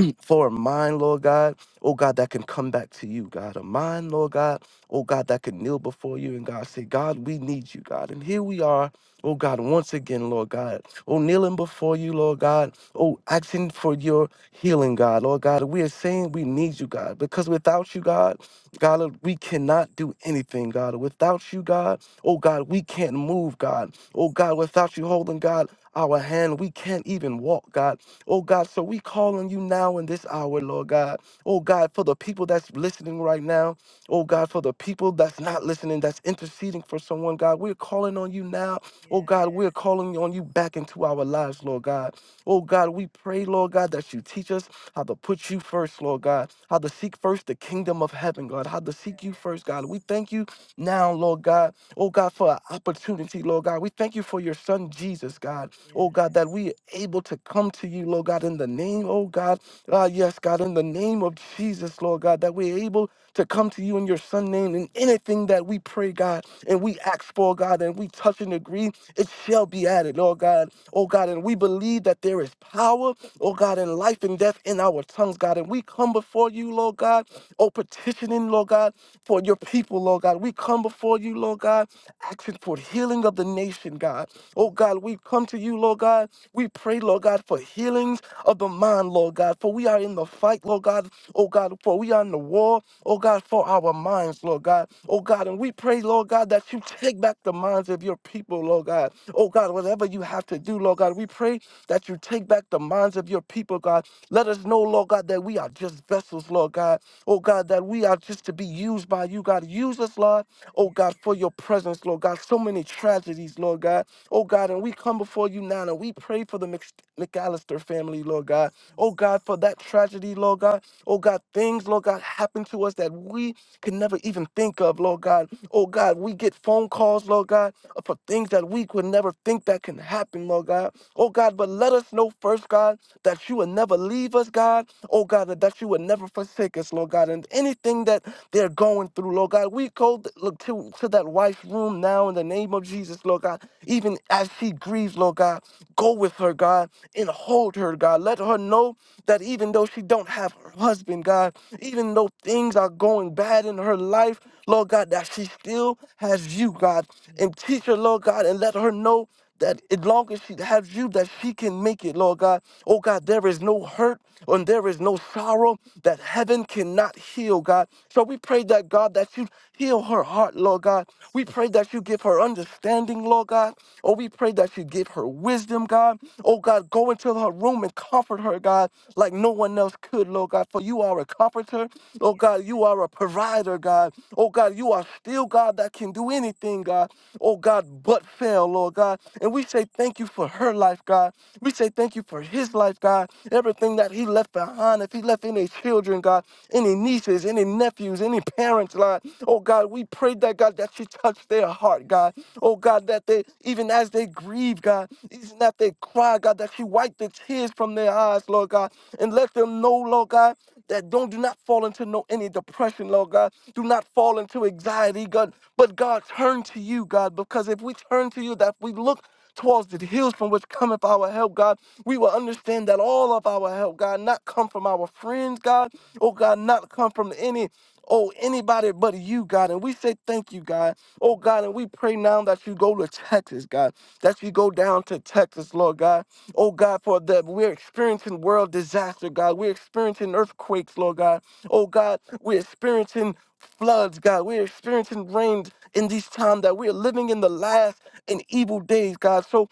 for a mind, Lord God, oh God, that can come back to you, God. A mind, Lord God, oh God, that can kneel before you and God say, God, we need you, God. And here we are, oh God, once again, Lord God, oh kneeling before you, Lord God, oh asking for your healing, God, Lord God. We are saying we need you, God, because without you, God, God, we cannot do anything, God. Without you, God, oh God, we can't move, God. Oh God, without you holding, God, our hand, we can't even walk, God. Oh God, so we call on you now in this hour, Lord God. Oh God, for the people that's listening right now. Oh God, for the people that's not listening, that's interceding for someone, God. We're calling on you now. Oh God, we're calling on you back into our lives, Lord God. Oh God, we pray, Lord God, that you teach us how to put you first, Lord God, how to seek first the kingdom of heaven, God, how to seek you first, God. We thank you now, Lord God. Oh God, for an opportunity, Lord God. We thank you for your son, Jesus, God oh God, that we are able to come to you, Lord God, in the name, oh God, ah, yes, God, in the name of Jesus, Lord God, that we're able to come to you in your Son name in anything that we pray, God, and we ask for, God, and we touch and agree, it shall be added, Lord God, oh God, and we believe that there is power, oh God, in life and death in our tongues, God, and we come before you, Lord God, oh petitioning, Lord God, for your people, Lord God, we come before you, Lord God, asking for healing of the nation, God. Oh God, we come to you, Lord God. We pray, Lord God, for healings of the mind, Lord God. For we yes, are in the fight, Lord God. Oh God, for we are in the war, oh God, for our minds, Lord God. Oh God, and we pray, Lord God, that you take back the minds of your people, Lord God. Oh God, whatever you have to do, Lord God, we pray that you take back the minds of your people, God. Let us know, Lord God, that we are just vessels, Lord God. Oh God, that we are just to be used by you, God. Use us, Lord. Oh yes, God, for your presence, Lord God. So many tragedies, Lord God. Oh God, and we come before you now and we pray for the Mc- McAllister family, Lord yes, God. Oh Jesus. God, for that tragedy, Lord God. Oh God, things, Lord God, happen to us that we could never even think of, Lord God. Oh God, we get phone calls, Lord God, for things that we could never think that can happen, Lord God. Oh God, but let us know first, God, that you will never leave us, God. Oh God, that that you will never forsake us, Lord God. And anything that they're going through, Lord God, we go th- look to, to that wife's room now in the name of Jesus, Lord God. Even as she grieves, Lord God, go with her, God, and hold her, God. Let her know that even though she don't have her husband, God, even though things are going bad in her life, Lord God, that she still has you, God. And teach her, Yes. Lord God, and let her know that as long as she has you, that she can make it, Lord God. Oh God, there is no hurt and there is no sorrow that heaven cannot heal, God. So we pray that, God, that you heal her heart, Lord God. We pray that you give her understanding, Lord God. Oh, we pray that you give her wisdom, God. Oh, God, go into her room and comfort her, God, like no one else could, Lord God, for you are a comforter. Oh, God, you are a provider, God. Oh, God, you are still God that can do anything, God. Oh, God, but fail, Lord God. And we say thank you for her life, God. We say thank you for his life, God. Everything that he left behind, if he left any children, God, any nieces, any nephews, any parents, Lord. Oh, God, we pray that, God, that you touch their heart, God. Oh God, that they, even as they grieve, God, even as they cry, God, that you wipe the tears from their eyes, Lord God, and let them know, Lord God, that don't do not fall into no any depression, Lord God. Do not fall into anxiety, God. But God, turn to you, God, because if we turn to you, that we look towards the hills from which cometh our help, God. We will understand that all of our help, God, not come from our friends, God. Oh God, not come from any, oh anybody but you, God. And we say thank you, God. Oh God, and we pray now that you go to Texas, God, that you go down to Texas, Lord God. Oh God, for that we're experiencing world disaster, God. We're experiencing earthquakes, Lord God. Oh God, we're experiencing floods, God. We're experiencing rain in this time that we're living in the last and evil days, God. So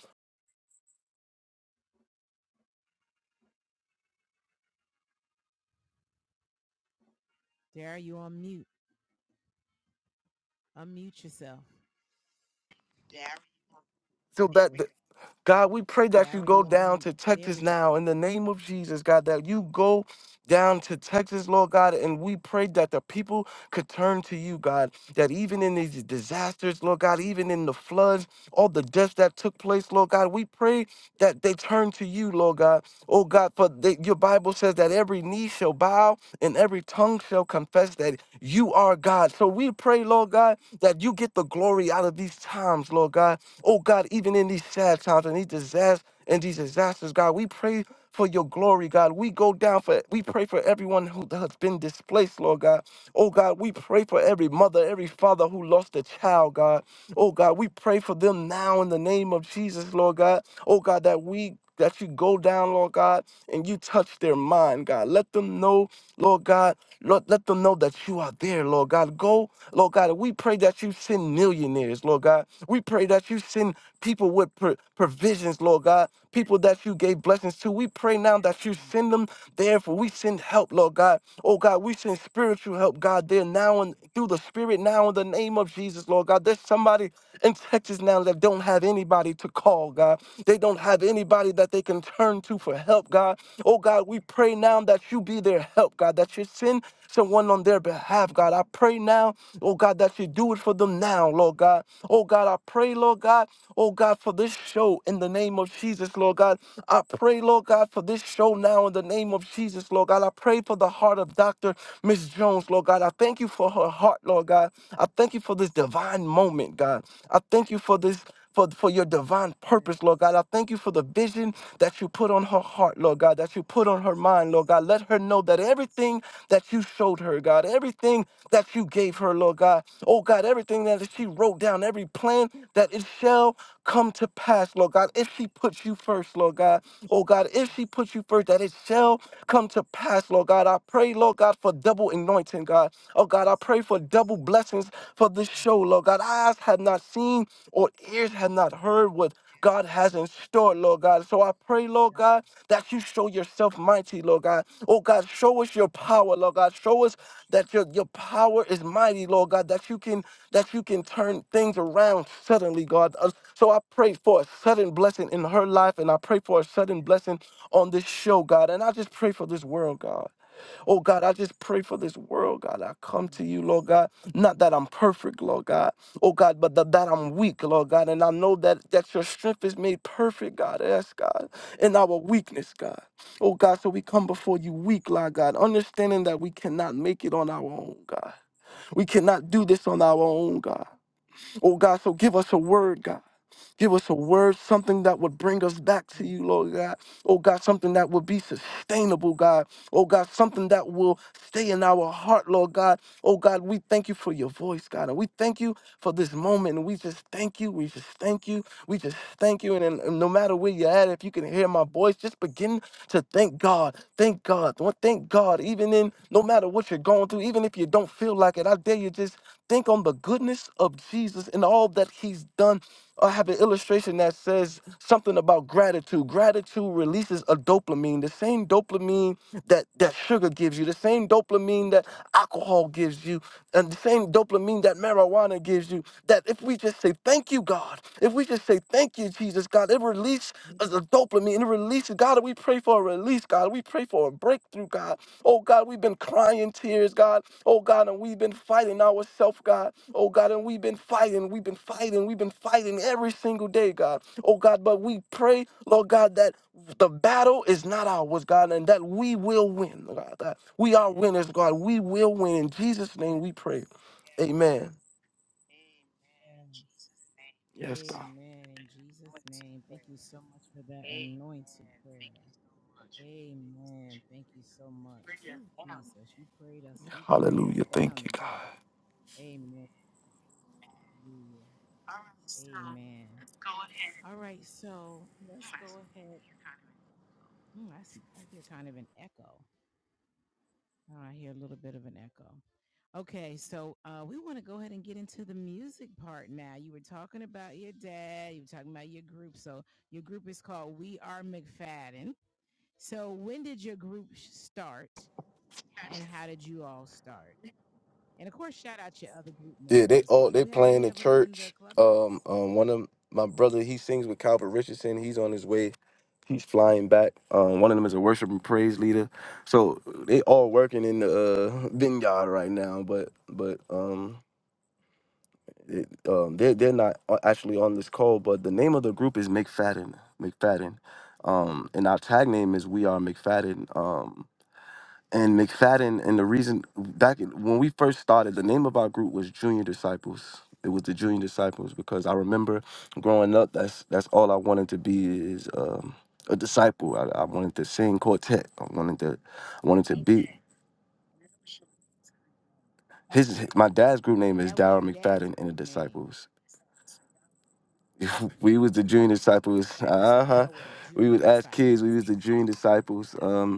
Dara, you on mute. Unmute yourself. so that God, we pray that you Dara, go you on down mute. to There Texas we go. now in the name of Jesus, God, that you go down to Texas, Lord God, and we pray that the people could turn to you, God, that even in these disasters, Lord God, even in the floods, all the deaths that took place, Lord God, we pray that they turn to you, Lord God. Oh God, for the, your Bible says that every knee shall bow and every tongue shall confess that you are God. So we pray, Lord God, that you get the glory out of these times, Lord God. Oh God, even in these sad times and these disasters and these disasters, God, we pray for your glory, God. We go down for we pray for everyone who has been displaced, Lord God. Oh God, we pray for every mother, every father who lost a child, God. Oh God, we pray for them now in the name of Jesus, Lord God. Oh God, that we that you go down, Lord God, and you touch their mind, God. Let them know, Lord God, Lord, let them know that you are there, Lord God. Go Lord God, and we pray that you send millionaires, Lord God. We pray that you send people with pro- provisions, Lord God, people that you gave blessings to. We pray now that you send them there, for we send help, Lord God. Oh God, we send spiritual help, God, there now and through the Spirit now in the name of Jesus, Lord God. There's somebody in Texas now that don't have anybody to call, God. They don't have anybody that they can turn to for help, God. Oh God, we pray now that you be their help, God, that you send someone on their behalf, God. I pray now Oh God, that you do it for them now, Lord God. Oh God, I pray, Lord God. Oh God, for this show in the name of Jesus, Lord God. I pray, Lord God, for this show now in the name of Jesus, Lord God. I pray for the heart of Dr. Miss Jones, Lord God. I thank you for her heart, Lord God. I thank you for this divine moment, God. I thank you for this for, for your divine purpose, Lord God. I thank you for the vision that you put on her heart, Lord God, that you put on her mind, Lord God. Let her know that everything that you showed her, God, everything that you gave her, Lord God. Oh God, everything that she wrote down, every plan that it shall come to pass, Lord God. If she puts you first, Lord God. Oh God, if Yes, she puts you first, that it shall Jesus. come to pass, Lord God. I pray, Lord God, for double anointing, God. Oh God, I Yes, pray for double blessings for this yes, show, Lord God. Eyes have not seen or ears have not heard Jesus. what God has in store, Lord God. So I pray, Yes, Lord yes, God, that you show yourself mighty, Lord God. Oh God, show us your power, Lord God. Show us Yes, Jesus. that your, your power is mighty, Lord God, that you can that you can turn things around suddenly, God. Uh, So I pray for a sudden blessing in her life, and I pray for a sudden blessing on this show, God. And I just pray for this world, God. Oh God, I just pray for this world, God. I come to Yes, you, Lord God. Not that I'm perfect, Lord God. Oh God, but that, that I'm weak, Lord God. And I know that, that your strength is made perfect, God. Yes, God. In our weakness, God. Oh God, so we come before you weak, Lord God, understanding that we cannot make it on our own, God. We cannot do this on our own, God. Oh God, so give us a word, God. Give us a word, something that would bring us back to yes, you, Lord God. Oh God, something that would be sustainable, God. Oh God, something that will stay in our heart, Lord God. Oh God, we thank you for your voice, God. And we thank you for this moment. And we just thank you. We just thank you. We just thank you. And, and and no matter where you're at, if you can hear my yes, voice, just begin to thank God. Thank God. Well, Thank God. Even in no matter what you're going through, even if you don't feel like it, I dare you just think on the goodness of Jesus and all that he's done I have an illustration that says something about gratitude. Gratitude releases a dopamine, the same dopamine that, that sugar gives you, the same dopamine that alcohol gives you, and the same dopamine that marijuana gives you. That if we just say thank you, God, if we just say thank you, Jesus, God, it releases a dopamine, and it releases God. We pray for a release, God. We pray for a breakthrough, God. Oh God, we've been crying tears, God. Oh God, and we've been fighting ourselves, God. Oh God, and we've been fighting, we've been fighting, we've been fighting every single day, God. Oh God, but we pray, Lord God, that the battle is not ours, God, and that we will win, God. God. We are winners, God. We will win. In Jesus' name yes. we pray. Amen. Yes, God. Amen. In Jesus' name, thank you so much for that anointed prayer. Amen. Thank you so much. Who Jesus, you prayed us, you prayed us Hallelujah. down Thank you, God. today. Amen. Hallelujah. Amen. All right, so let's go ahead. Hmm, I, s- I hear kind of an echo. Oh, I hear a little bit of an echo. Okay, so uh, we want to go ahead and get into the music part now. You were talking about your dad, you were talking about your group. So your group is called We Are McFadden. So when did your group start and how did you all start? And of course, shout out your other group Yeah, members they as all well. Do they we have playing any in of them in the church. Um, clubhouse? um, one of 'em- my brother he sings with Calvin Richardson. He's on his way. He's flying back. Um, one of them is a worship and praise leader. So they all working in the uh, vineyard right now. But but um, it, um, they they're not a- actually on this call. But the name of the group is McFadden. McFadden. Um, and our tag name is We Are McFadden. Um, and McFadden, and the reason back in- when we first started, the name of our group was Junior Disciples. It was the Junior Disciples because I remember growing up. That's that's all I wanted to be is um, a disciple. I, I wanted to sing quartet. I wanted to I wanted to be Okay. his. My dad's group name And is that was Daryl your dad's McFadden and the group name, Disciples. we was the Junior Disciples. Disciples. So Uh huh. y'all were the We junior would as disciples. kids. We was the Junior Disciples. Um,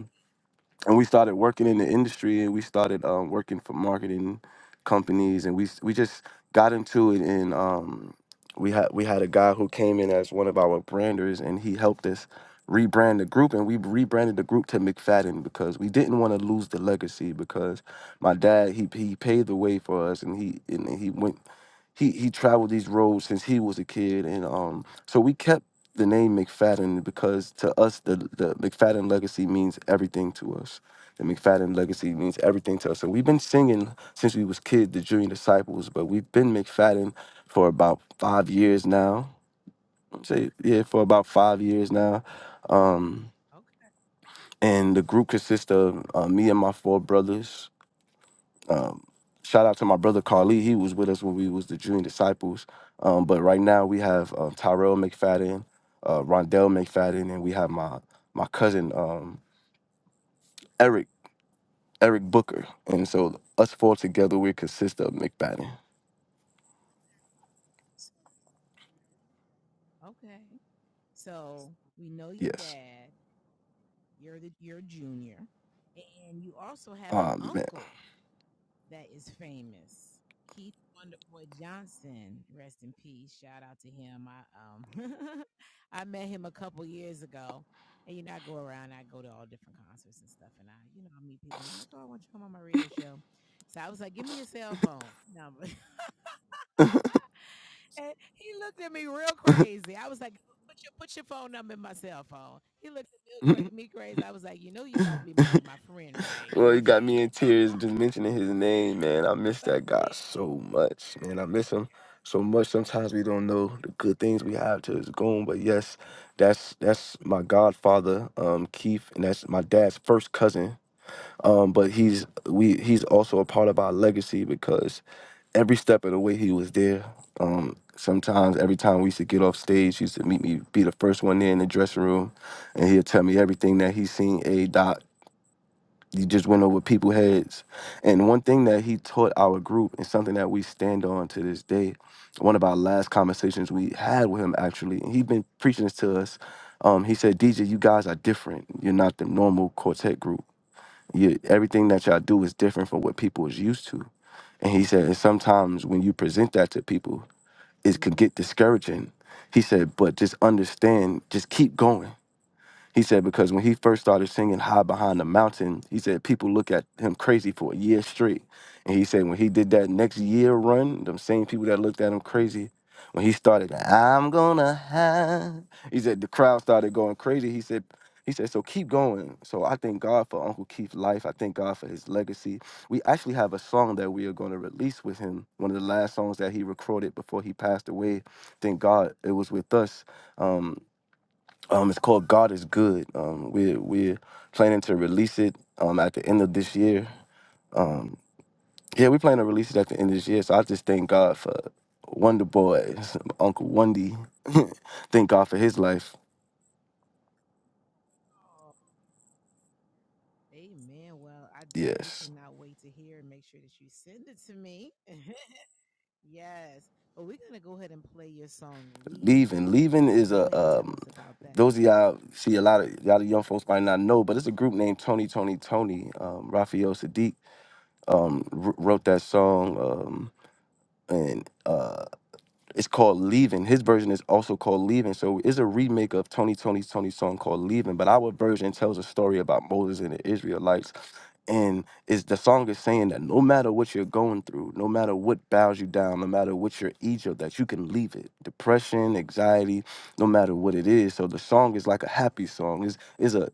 and we started working in the industry and we started um, working for marketing companies and we s- we just got into it and um, we had we had a guy who came in as one of our branders and he helped us rebrand the group and we rebranded the group to McFadden because we didn't want to lose the legacy because my dad he he paved the way for us and he and he went he he traveled these roads since he was a kid and um so we kept the name McFadden because to us the the McFadden legacy means everything to us. The McFadden legacy means everything to us. And we've been singing since we was kids, the Junior Disciples, but we've been McFadden for about five years now. I'd Say yeah, for about five years now. Um, Okay. and the group consists of uh, me and my four brothers um, shout out to my brother Carly. He was with us when we was the Junior Disciples. Um, but right now we have um, Tyrell McFadden, uh, Rondell McFadden, and we have my my cousin um, Eric Eric Booker. And so us four together, we consist of McFadden. Okay. So we know your Yes. dad. You're the you're a junior, and you also have an Um, uncle that is famous, Keith Wonderboy Johnson. Rest in peace. Shout out to him. I um I met him a couple years ago, and you know I go around. I go to all different concerts and stuff, and I you know I meet people, and I'm like, oh, I want you to come on my radio show. So I was like, give me your cell phone number. And he looked at me real man. crazy. I was like, put your put your phone number in my cell phone. He looked at me, cra- me crazy. I was like, you know you about to be my, my friend, right? You Well, my he friend. got me in tears just mentioning his name, man. I miss But that guy yeah. so much, man. I miss him so much. Sometimes we don't know the good things we have till it's gone. But yes, that's that's my godfather, um, Keith, and that's my dad's first cousin. Um, but he's we he's also a part of our legacy because every step of the way he was there. Um, sometimes every time we used to get off stage, he used to meet me, be the first one there in the dressing room, and he'd tell me everything that he seen. Hey, Doc, you just went over people's heads and one thing that he taught our group and something that we stand on to this day one of our last conversations we had with him actually and he had been preaching this to us um, he said dj you guys are different you're not the normal quartet group you, everything that y'all do is different from what people is used to and he said and sometimes when you present that to people it can mm, get discouraging he said but just understand just keep going he said because when he first started singing High Behind the Mountain, he said people look at him crazy for a year straight. And he said when he did that next year run, them same people that looked at him crazy, when he started I'm gonna hide, he said the crowd started going crazy. He said he said so keep going. So I thank God for Uncle Keith's life. I thank God for his legacy. We actually have a song that we are going to release with him. One of the last songs that he recorded before he passed away. Thank God it was with us. Um, um, it's called God is Good. Um, we're we're planning to release it um at the end of this year. Um, yeah, we plan to release it at the end of this year. So I just thank God for Wonder Boy, Uncle Wendy. thank God for his life. no. Amen. Well, I definitely Yes, cannot wait to hear and make sure that you send it to me. yes. But we're gonna go ahead and play your song Leaving. leaving leaving So is go a ahead and tell um. us about that. Those of y'all see a lot of y'all the young folks might not know, but it's a group named Tony Tony Tony. Um, Raphael Sadiq um, wr- wrote that song. Um, and uh, It's called Leaving. His version is also called Leaving. So it's a remake of Tony Tony's Tony song called Leaving. But our version tells a story about Moses and the Israelites. And is the song is saying that no matter what you're going through, no matter what bows you down, no matter what your Egypt, that you can leave it. Depression, anxiety, no matter what it is. So the song is like a happy song. Is is a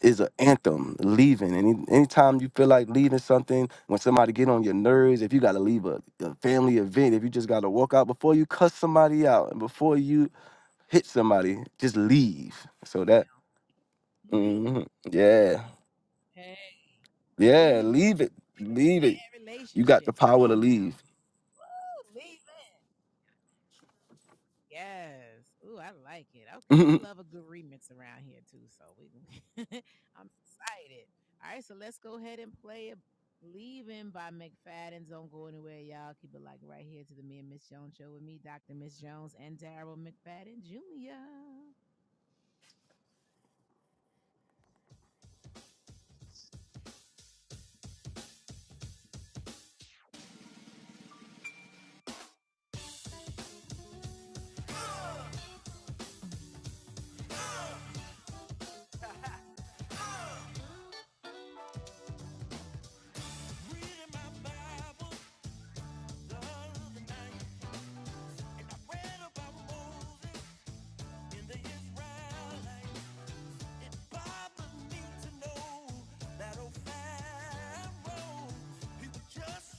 is an anthem leaving any anytime you feel like leaving something when somebody get on your nerves if you got to leave a, a family event if you just got to walk out before you cuss somebody out and before you hit somebody just leave so that hmm yeah hey, yeah leaving. leave it Even these leave it bad you got the relationships. Come power to on now. leave Ooh, leaving. Yes. Ooh, I like it. Okay, we yeah love a good remix around here too. So we, I'm excited. All right, so let's go ahead and play a "Leaving" by McFadden's. Don't go anywhere, y'all. Keep it like right here to the Me and Miss Jones show with me, Dr. Miss Jones, and Daryl McFadden Jr. Reading my Bible the other night, and I read about Moses in the Israelites.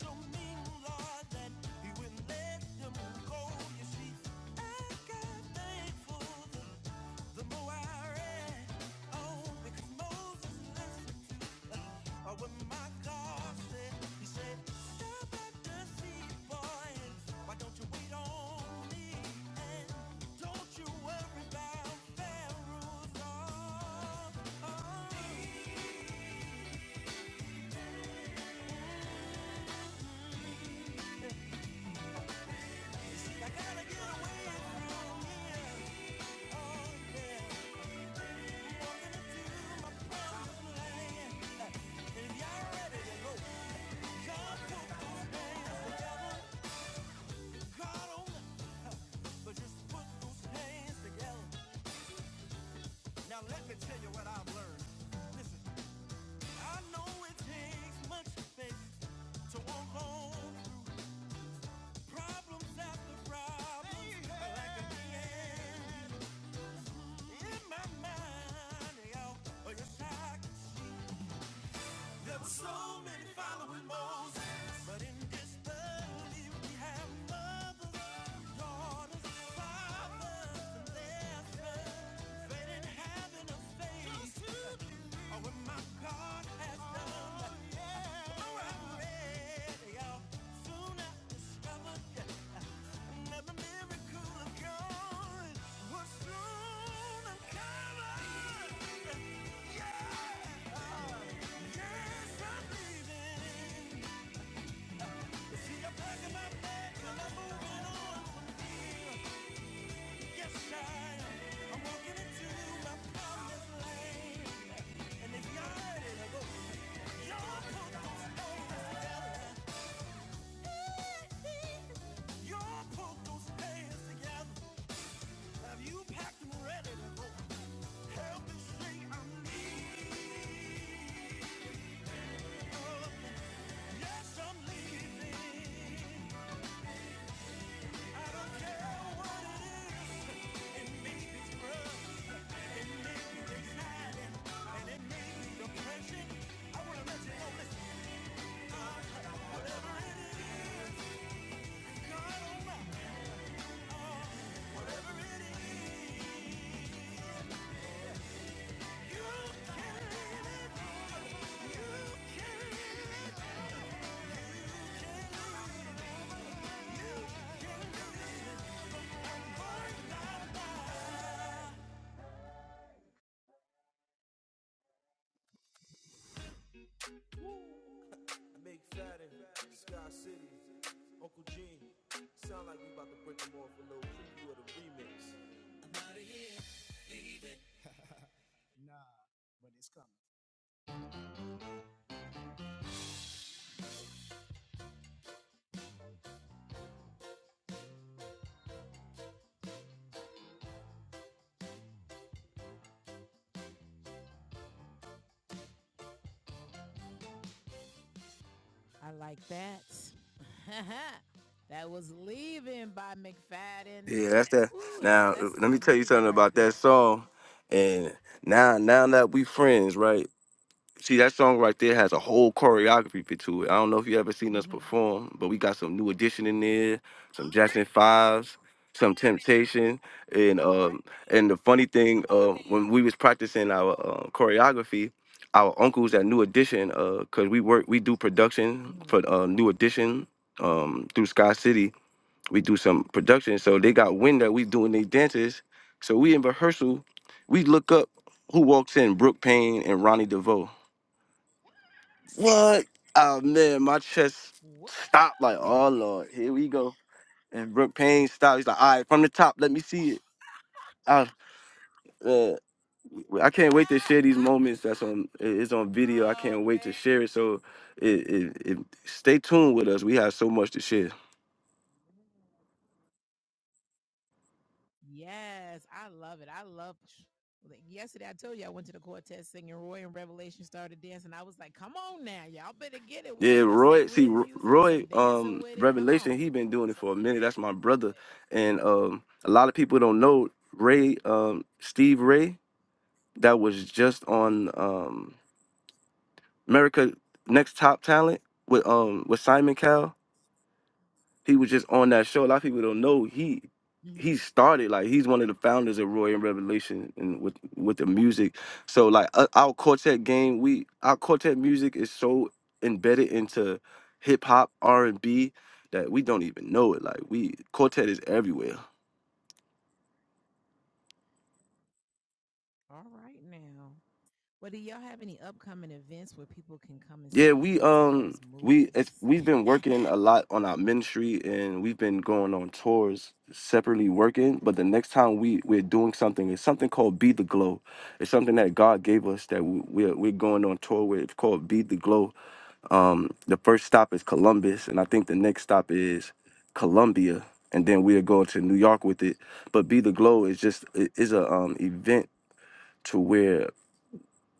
so I got thankful the, more I read, oh, because Moses listened to uh, my God said. He said, Stop at the sea, boy, why don't you wait on me? And don't you worry about rules. Oh, oh. I gotta get away from you. If y'all ready to go, you put those hands together. but just put those hands together. Now let me tell you what I've learned. Listen, I know it takes much faith to walk on through problems after problems. Like a man in my mind, y'all. or you're I There were so many following Moses, but in disbelief we have the Lord as a Father and in heaven a faith. Oh, when my God has made out, soon I discovered that another miracle of God was soon uncovered. As I'm leaving, your perfect, your purpose, oh, it's together. Your put those hands together. Have you packed and ready to go? Help me say I'm leaving. Yes, I'm leaving. I don't care what it makes me scrub. Big Fatty, Sky City, Uncle Gene. Sound like we about to break them off a little preview of the remix. I like that. that was Leaving by McFadden. that's that Ooh, that, now uh, that's some let me good tell you music something right about that there. song and That's now now that we friends right See that song right there has a whole choreography bit to it. I don't know if you ever seen Mhm. us All perform, but we got some new Edition in there, some Jackson Fives, some Temptation, and um right, then. and the funny thing, come uh, on now. when we was practicing Come our uh, on. choreography, our uncles at New Edition, uh, cause we work, we do production Mhm. for uh, New Edition, um, through Sky City, we do some production, so they got wind that we doing their dances, so we in rehearsal, we look up who walks in, Brooke Payne and Ronnie DeVoe. What? Oh man, my chest Woo! stopped. Like, oh lord, here we go. And Brooke Payne stopped. He's like, all right, from the top, let me see it. I, uh, I can't wait to share these moments. That's on. It's on video. I oh can't man. wait to share it. So, it, it, it, stay tuned with us. We have so much to share. Yes, I love it. I love. Like, Yesterday, I told you I went to the quartet singing. Roy and Revelation started dancing. I was like, "Come on now, y'all better get it. with Yeah, That that's that Roy. See, real Ro- music and some Roy. dancing Um, with it. Come Revelation. on." He been doing it So for a minute. That's my brother. yes, And um, a lot of people don't know Ray. Um, Steve Ray. That was just on. Um, America Next Top Talent with um with Simon Cowell. He was just on that show. A lot of people don't know he Do it. he Mhm. started like he's one of the founders of Roy and Revelation and with with the music. So like uh, our quartet game, we our quartet music is so embedded into hip hop R and B that we don't even know it. Like we quartet is everywhere. All right now. Well, do y'all have any upcoming events where people can come and Yeah, see we you and see um those we it's, moves? we've been working a lot on our ministry and we've been going on tours separately working. But the next time we we're doing something, it's something called Be the Glow. It's something that God gave us that we, we're we're going on tour with. It's called Be the Glow. Um, the first stop is Columbus, and I think the next stop is Columbia, and then we'll go to New York with it. But Be the Glow is just it is a um event to where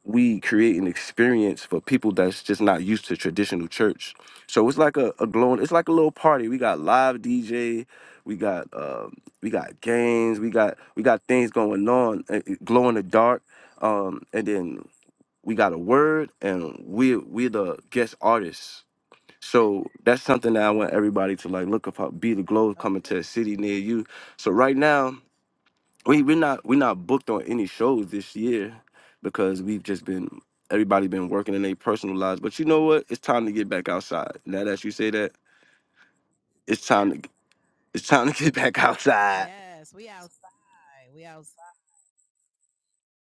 we create an experience for people that's just not used to traditional church. So it's like a, a glowing, it's like a little party. We got live DJ, we got um, we got games, we got we got things going on, uh, uh, glow in the dark, um, and then we got a word, and we we're we're the guest artists. So that's something that I want everybody to like look up. Be the glow coming Okay. to a city near you. So right now we we're not we're not booked on any shows this year because we've just been everybody been working in their personal lives. But you know Okay. what? It's time to get back outside. Now that you say that, it's time to it's time to get back outside. Yes, we outside. We outside.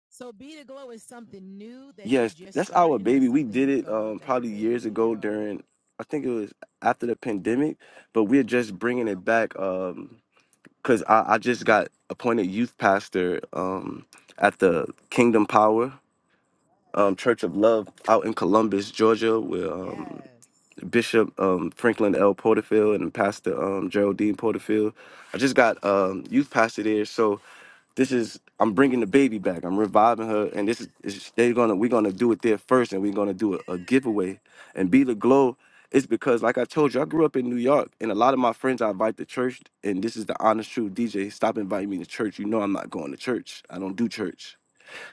So Be the Glow is something new that you Yes, just that's our starting. baby. That's We something did you it thought of. um That's your probably years baby. ago Or during I think it was after the pandemic, but we're just bringing it back okay. um cuz I I just Mhm. got appointed youth pastor um at the Kingdom Power um Church of Love out in Columbus, Georgia, where um Yes, Bishop um, Franklin L. Porterfield and Pastor um, Geraldine Porterfield. I just got um, youth pastor there, so this is I'm bringing the baby back. I'm reviving her, and this is is- they're gonna we're gonna do it there first, and we're gonna do a, a giveaway. And be the glow is because, like I told you, I grew up in New York, and a lot of my friends I invite to church, and this is the honest truth. DJ, stop inviting me to church. You know I'm not going to church. I don't do church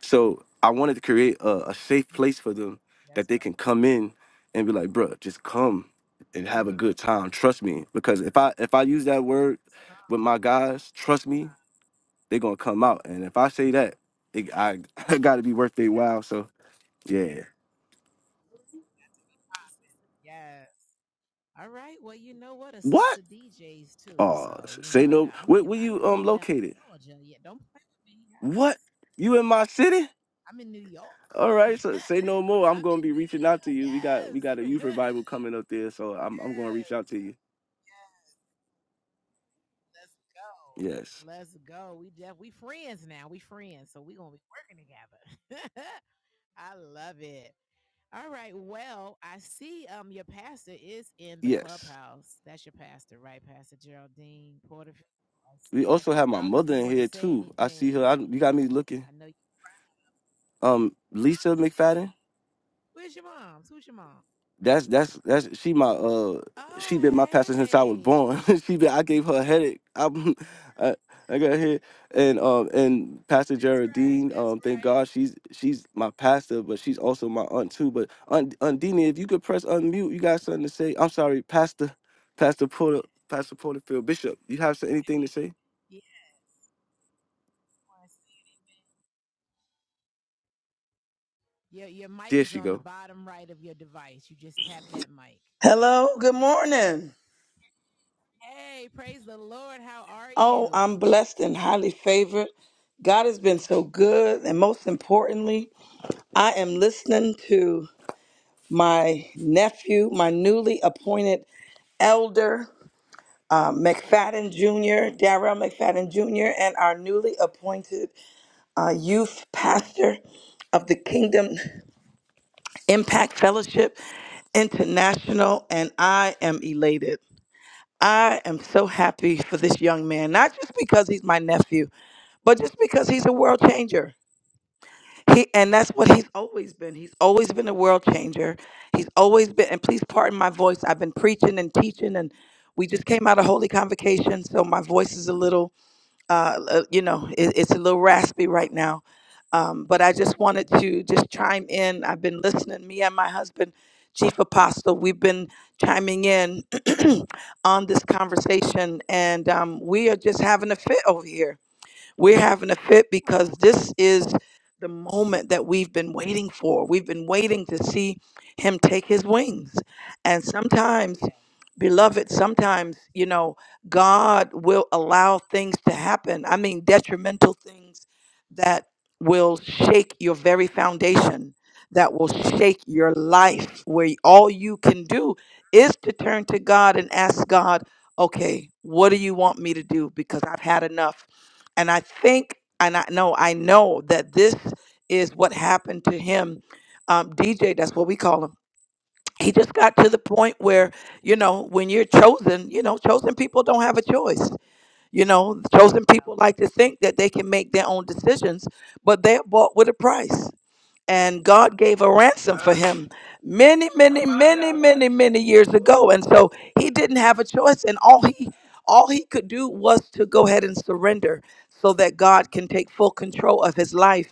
so I wanted to create a, a safe Mhm. place for them that that's they can right. come in and be like, bruh, just come and have a Mhm. good time. Trust me. Because if I if I use that word It's come. with my guys, trust me, they're gonna come out. And if I say that, it, I I gotta be worth their while. So yeah. time. Yes. All right. Well, you know what? A What? sister DJs too. Oh, So s- you know, say I no. got. I'm. Where, can- where I can you come um on down to located? Georgia. Yeah. Don't play with me. Yes. What? You in my city? I'm in New York. All right, so say no more. I'm I'm gonna in be New reaching out to York. you. We got we Yes. got a youth revival coming up there, so I'm I'm gonna reach yes. out to you. Yes. Let's Yes. go. Let's go. We def we friends now. We friends. So we gonna be working together. I love it. All right. Well, I see um your pastor is in the Yes. clubhouse. That's your pastor, right? Pastor Geraldine Porterfield. I We see her. also have my I don't know if mother you in want to here say too. I see her. anything. I, you got me looking. I know you Um, Lisa mom's is here. McFadden. Where's your mom's? Who's your mom? That's that's that's she my uh she Oh been my pastor since I was hey. She- born. she been I gave her a headache. I'm, I I got here and um and Pastor That's right. Geraldine. That's Um, thank right. God she's she's my pastor, but she's also my aunt too. But Aunt Undina, if you could press unmute, you got something to say. I'm sorry, Pastor Pastor Porter Pastor Porterfield Bishop. You have some- anything to say? Yeah. Your your mic There is she on the go. bottom right of your device. You just tap that mic. Hello, good morning. Hey, praise the Lord. How are Oh, you? I'm blessed and highly favored. God has been so good. And most importantly, I am listening to my nephew, my newly appointed elder, uh, McFadden Jr., Darrell McFadden Jr., and our newly appointed uh, youth pastor of the Kingdom Impact Fellowship International. And I am elated. I am so happy for this young man, not just because he's my nephew, but just because he's a world changer. He and that's Yes. what he's always been. He's always been a world changer. He's always been and please pardon my voice. I've been preaching and teaching and we just came out of holy convocation, so my voice is a little uh, uh, you know, it, it's a little raspy right now. Um, but I just wanted hmm to just chime in. I've been listening. Me and my husband, Chief Apostle, we've been chiming in on this conversation, and um, we are just having a fit over here we're having a fit because Oh, this is the moment that we've been waiting for. We've been waiting to see him take his wings. And sometimes, Yeah. beloved, sometimes, you know, God will allow things to happen. I mean, detrimental things that will shake your very foundation, that will shake your life, where all you can do is to turn to God and ask God, okay, what do you want me to do? Because I've had enough. And I think, and I know, I know that this is what happened to him. Um, DJ, that's what we call him. He just got to the point where, you know, when you're chosen, you know, chosen people don't have a choice. You know, chosen Well, people like to think that they can make their own decisions, but they're bought with a price and God gave a well. ransom for him many, many, many, many, many years ago. And so he didn't have a choice, and all he all he could do was to go ahead and surrender so that God can take full control of his life.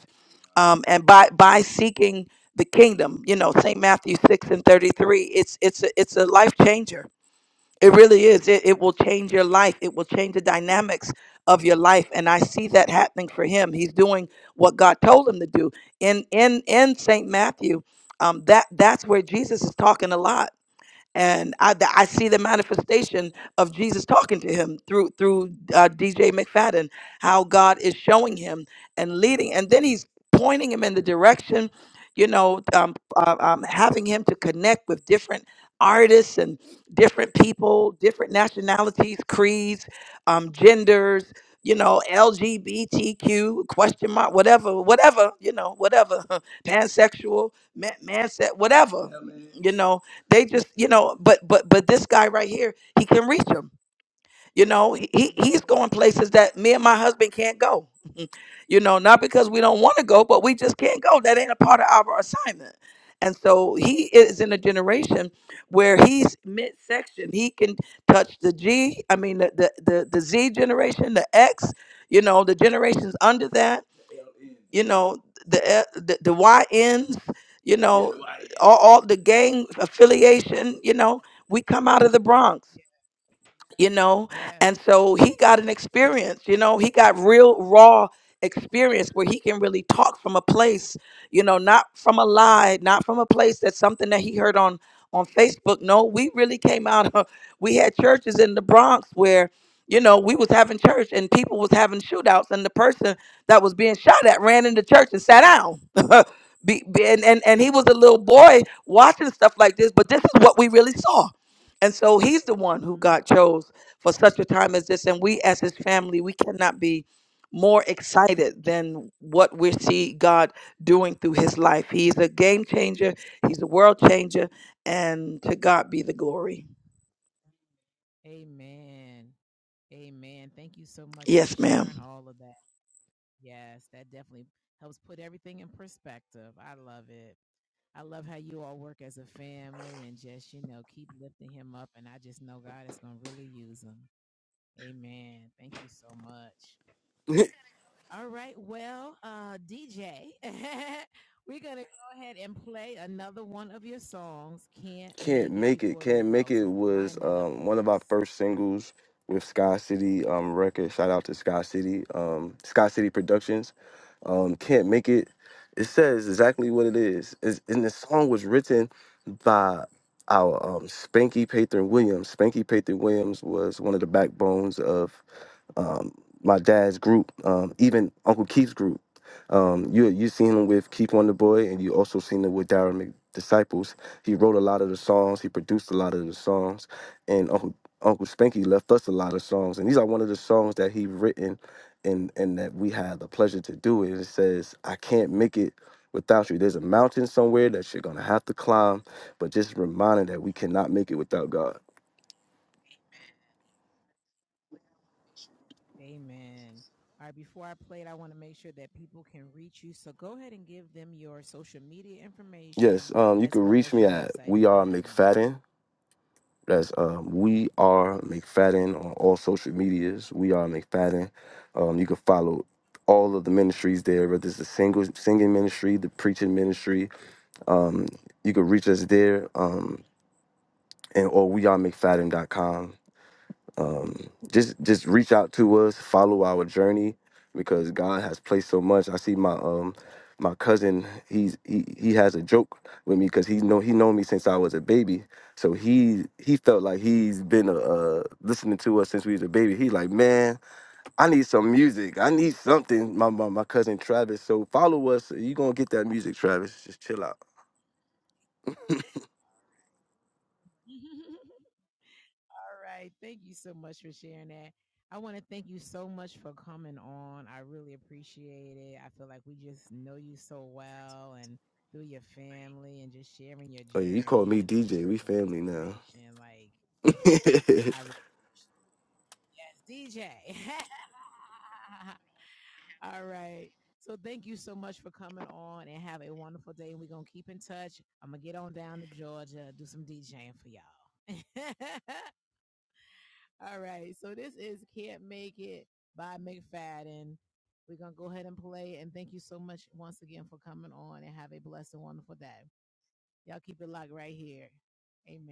Um, and by by seeking the kingdom, you know, St. Matthew six and thirty three, it's it's a, it's a life changer it really is. It, it will change your life. It will change the dynamics of your life. And I see that happening for him. He's doing what God told him to do. In in in St. Matthew, um, that that's where Jesus is talking a lot and I, th- I see the manifestation of Jesus talking to him through through uh, DJ McFadden, how God is showing him and leading, and then He's pointing him in the direction, you know, um, uh, um, having him to connect with different artists and different people, different nationalities, creeds, um, genders. You know, LGBTQ question mark, whatever, whatever, you know, whatever, pansexual, man, man, whatever, Yeah, man. you know, they just you know but but but this guy right here he can reach them you know he he- he's hmm going places that me and my husband can't go you know not because we don't want to go but we just can't go that ain't a part of our assignment and so he is Right. in a generation where he's midsection he can touch the g i mean the the the, the z generation the x you know the generations under that you know the eh, the the, Y yns you know all, all the gang affiliation, you know, we come out of the Bronx Yeah. you know Yes. and so he got an experience you know he got real raw experience where he can really talk from a place you know not from a Yes. lie not from a place that's something that he heard on on facebook no we really came out of we had churches in the bronx where you know we was having church and people was having shootouts and the person that was being shot at ran into church and sat down Be, be- and, and and he was a little boy watching stuff like this but this is what we really saw and so he's the one who hmm God chose for such a time as this. And we, as his family, we cannot be more excited than what we see God doing through his life. He's a game changer, he's a world changer, and to God be the glory. Amen. Amen. Thank you so much for Yes, ma'am. sharing all of that. Yes, that definitely helps put everything in perspective. I love it. I love how you all work as a family and just, you know, keep lifting him up. And I just know God is going to really use him. Amen. Thank you so much. All right. Well, uh, DJ, we're going to go ahead and play another one of your songs. Can't Can't make it Make It. before you Can't Make go. It So was line that up um, one for of our us. first singles with Sky City um, Records. Shout out to Sky City, um, Sky City Productions. Um, Can't Make It. It says exactly what it is. It's, and the song was written by our um, Spanky Patron Williams. Spanky Patron Williams was one of the backbones of um, my dad's group, um, even Uncle Keith's group. Um, you you seen him with Keith Wonder Boy, and you also seen him with Darren McDisciples. He wrote a lot of the songs. He produced a lot of the songs, and Uncle Uncle Spanky left us a lot of songs. And these are one of the songs that he written, and and that we had the pleasure to do. And it says, "I can't make it." Without you, there's a mountain somewhere that you're gonna have to climb, but just reminding that we cannot make it without God. Amen. All right. Before I play it, I want to make sure that people can reach you. So go ahead and give them your social media Yes, information um, you as can well reach as me your at website if We you Are have one. McFadden That's um, we are McFadden on all social medias. We are McFadden. Um, you can follow all of the ministries there, whether it's the single singing ministry, the preaching ministry. Um, you can reach us there, um, and or we are McFadden dot com um, just just reach out to us, follow our journey, because God has placed so much. I see my um my cousin, he's he he has a joke with me because he know he known me since I was a baby. So he he felt like he's been uh, uh listening to us since we was a baby. He like, man, I need some music. I need something. My my, my cousin Travis. So follow us. You gonna get that music, Travis. Just chill out. All right. Thank you so much for sharing that. I want to thank you so much for coming on. I really appreciate it. I feel like we just know you so well and through your family and just sharing your Oh yeah, you call journey me and the DJ. We words of family now. inspiration. Like, I, re- yes, DJ. All right. So thank you so much for coming on and have a wonderful day. We're going to keep in touch. I'm going to get on down to Georgia, do some DJing for y'all. All right. So this is Can't Make It by McFadden. We're going to go ahead and play. And thank you so much once again for coming on and have a blessed and wonderful day. Y'all keep it locked right here. Amen.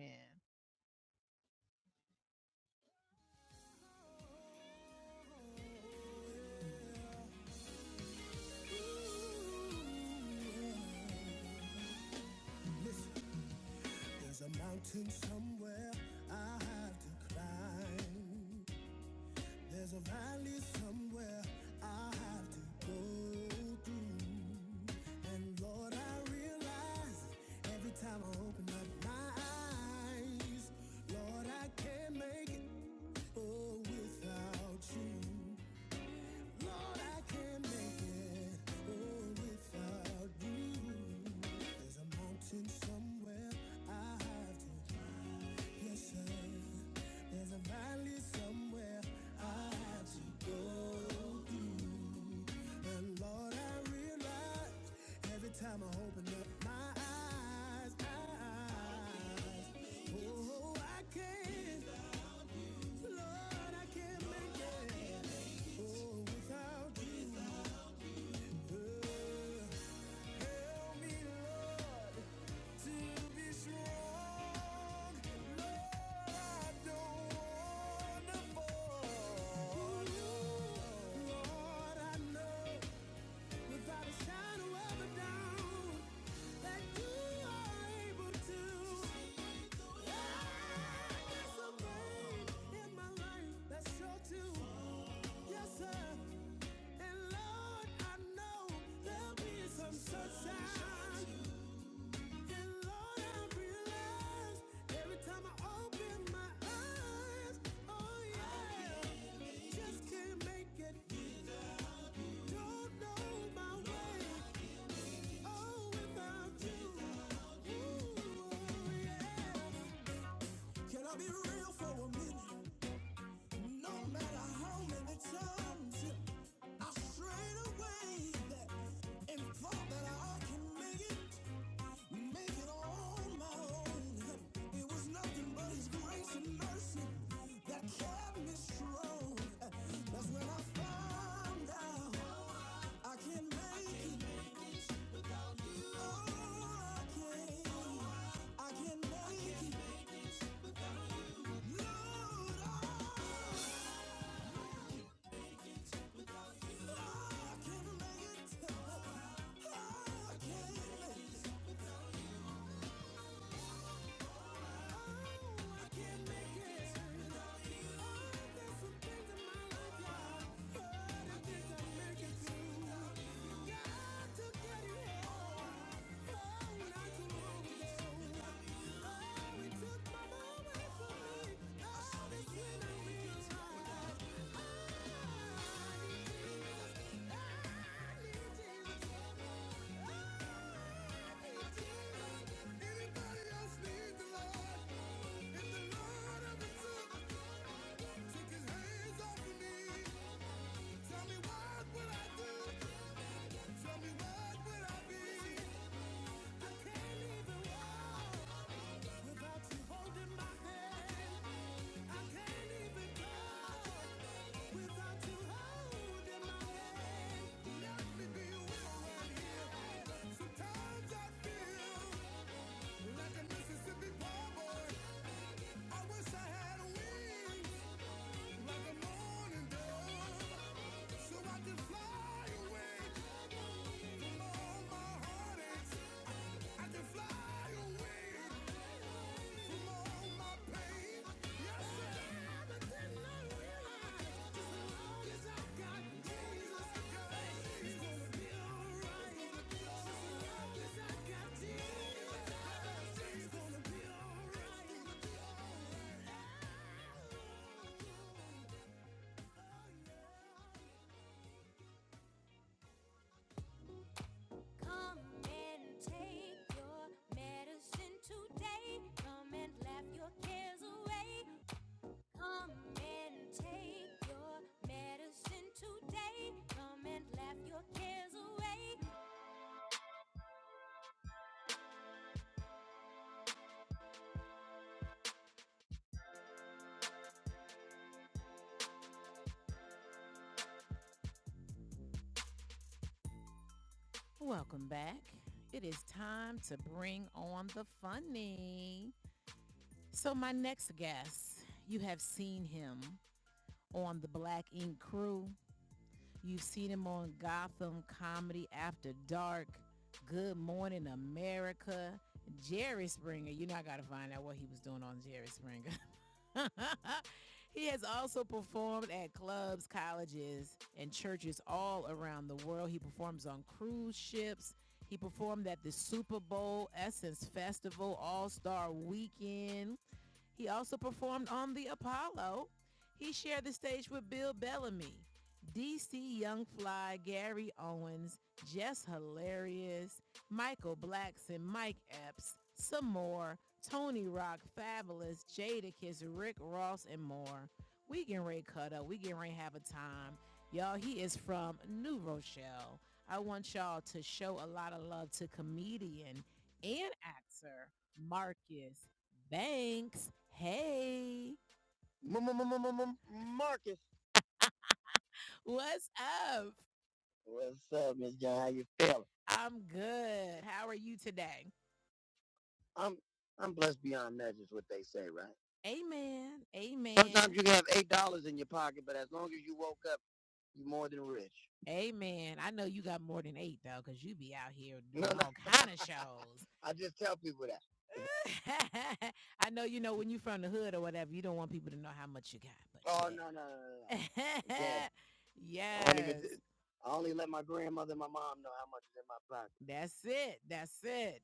Lord, I can't make it oh, without you. There's a mountain somewhere I have to climb. Yes, sir. There's a valley somewhere I have to go. But Lord, I realize every time I open up my eyes, eyes, oh, I can't, Lord, I can't make it. Oh, without you, Lord, help me, Lord, to be strong. Lord, I don't wanna fall. Lord, I know. without a shadow of a doubt that you are able to. Yeah, there's a pain in my life that's sure to. Yes, sir. And Lord, I know there'll be some sunshine. And Lord, I realize every time I open my eyes, oh yeah, just can't make it. Don't know my way. Oh, yeah. Can I be real for a minute? No matter how many times yeah. I strayed away and thought that I can make it. Make it on my own. yeah. It was nothing but His grace and mercy that kept me strong. yeah. That's when I found out I can't make it. I can't make it without you. Oh, I can't. Oh, I I can't make I can't it. Make it. Oh, no, I can't make it. Oh, I can't make it. Oh, I can't make it. Oh, there's some things in my life, yeah. Oh, the things I can't make it through. Got to get it. Tell me what would I do? Tell me what would I be? Come and take your medicine today. Come and laugh your cares away. Come and take your medicine today. Come and laugh your cares away. Welcome back. It is time to bring on the funny. So my next guest, you have seen him on the Black Ink Crew. You've seen him on Gotham Comedy After Dark, Good Morning America, Jerry Springer. You know, I got to find out what he was doing on Jerry Springer. he has also performed at clubs, colleges, and churches all around the world. He performs on cruise ships. He performed at the Super Bowl Essence Festival All Star Weekend. He also performed on The Apollo. He shared the stage with Bill Bellamy, DC Young Fly, Gary Owens, Jess Hilarious, Michael Blackson, Mike Epps, some more, Tony Rock, Fabulous, Jadakiss, Rick Ross, and more. We getting ready to cut up. We getting ready to have a time. Y'all, he is from New Rochelle. I want y'all to show a lot of love to comedian and actor Marcus Banks. Hey, Marcus. what's up? What's up, Miss John? I'm good. How are you today? I'm I'm blessed beyond measure. what they say, right? Amen. Amen. Sometimes you can have eight dollars in your pocket, but as long as you woke You more than rich. Amen. I know you got more than eight though, because you be out here No, doing no. no. all kind of shows. I just tell people that. I know you know when you from the hood or whatever, you don't want people to know how much you got. But Oh shit. no no no no. Yeah. yes. I, even, I only let my grandmother and my mom know how much is in my pocket. That's it. That's it.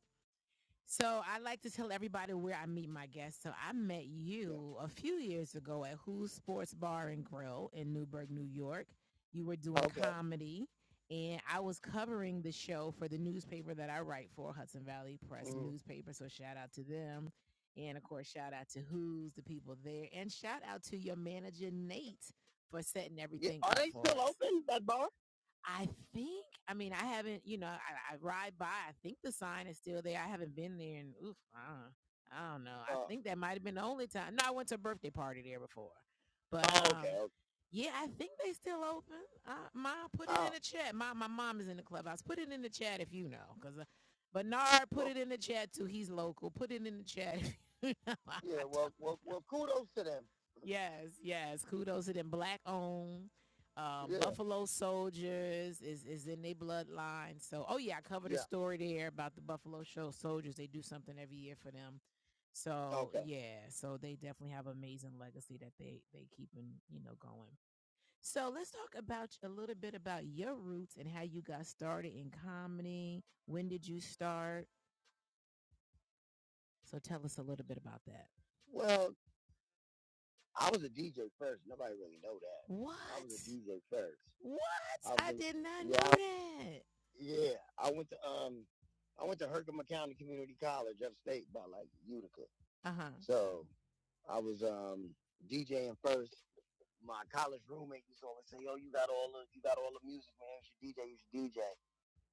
So I like to tell everybody where I meet my guests. So I met you a few years ago at Who's Sports Bar and Grill in Newburgh, New York. You were doing Okay. comedy, and I was covering the show for the newspaper that I write for, Hudson Valley Press Mm. newspaper. So shout out to them, and of course shout out to Who's the people there, and shout out to your manager Nate for setting everything Yeah. up. Are they still us. open? That bar? I think. I mean, I haven't. You know, I, I ride by. I think the sign is still there. I haven't been there, and oof, I don't, I don't know. I Uh, think that might have been the only time. No, I went to a birthday party there before, but oh, okay. um, okay. yeah, I think they still open. Uh, Ma, put it in Oh, the chat. My my mom is in the clubhouse. Put it in the chat if you know, because uh, Bernard put well, it in the chat too. He's local. Put it in the chat. If you know. I yeah. don't Well, don't well, know. well. Kudos to them. Yes, yes. Kudos to them. Black owned. Um, Yeah. Buffalo Soldiers is is in their bloodline. So, oh yeah, I covered yeah. a Yeah. story there about the Buffalo Show Soldiers. They do something every year for them. So Okay. yeah, so they definitely have amazing legacy that they they keeping you know going. So let's talk about a little bit about your roots and how you got started in comedy. When did you start? So tell us a little bit about that. Well, I was a DJ first. Nobody really know that. What? I was a DJ first. What? I I did not yeah, know that. yeah. I went to um, I went to Herkimer County Community College upstate by like Utica. Uh huh. So I was um DJing first. My college roommate used to always say, "Yo, you got all the you got all the music, man. You should DJ. You should DJ."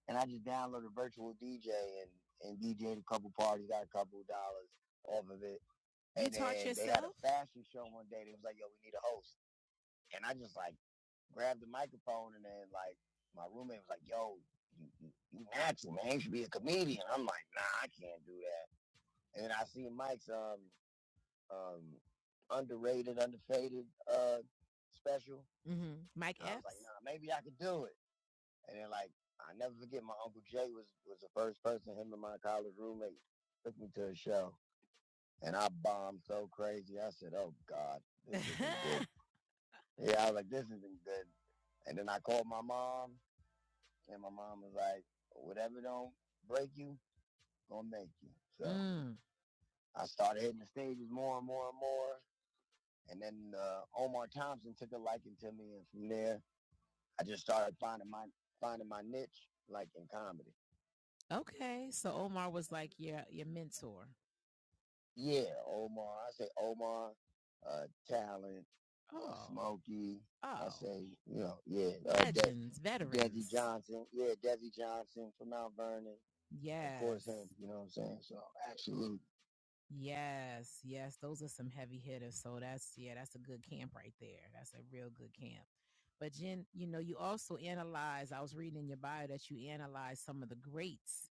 And I just downloaded Virtual DJ and and DJed a couple parties, got a couple of dollars off of it. You and taught then they had a yourself? fashion show one day. They was like, "Yo, we need a host," and I just like grabbed the microphone, and then like my roommate was like, "Yo, you, you, you natural man, you should be a comedian." I'm like, "Nah, I can't do that." And then I see Mike's um um underrated, underfaded uh special, hmm Mike F. I was like, "Nah, maybe I could do it." And then like I never forget, my uncle Jay was was the first person. Him and my college roommate took me to a show and I bombed so crazy. I said, "Oh God, this isn't good." yeah, I was like, "This isn't good." And then I called my mom, and my mom was like, "Whatever don't break you, gonna make you." So Mm. I started hitting the stages more and more and more, and then uh, Omar Thompson took a liking to me, and from there, I just started finding my finding my niche, like in comedy. Okay. So Omar was like your your mentor. Yeah, Omar. I say Omar, uh, Talent, uh, Oh, Smokey. Oh. I oh, say, you know, yeah, uh, De- legends, Desi veterans. Desi Johnson. Yeah, Desi Johnson from Mount Vernon. Yeah, Of course, Yes. him. You know what I'm saying? So, absolutely. Yes, yes, those are some heavy hitters. So that's yeah, that's a good camp right there. That's a real good camp. But Jen, you know, you also analyze. I was reading in your bio that you analyze some of the greats,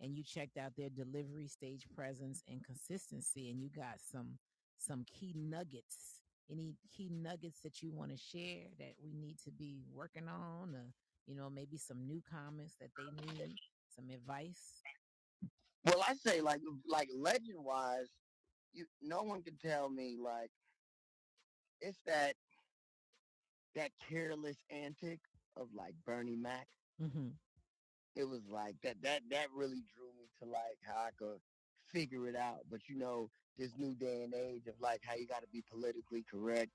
and you checked out their delivery, stage presence, and consistency, and you got some some key nuggets. Any key nuggets that you want to share that we need to be working on, or you know, maybe some new comments that they need, some advice. Well, I say like like legend wise you no one can tell me like it's that that careless antic of like Bernie Mac. hmm It was like that that that really drew me to like how I could figure it out. But you know, this new day and age of like how you gotta be politically correct.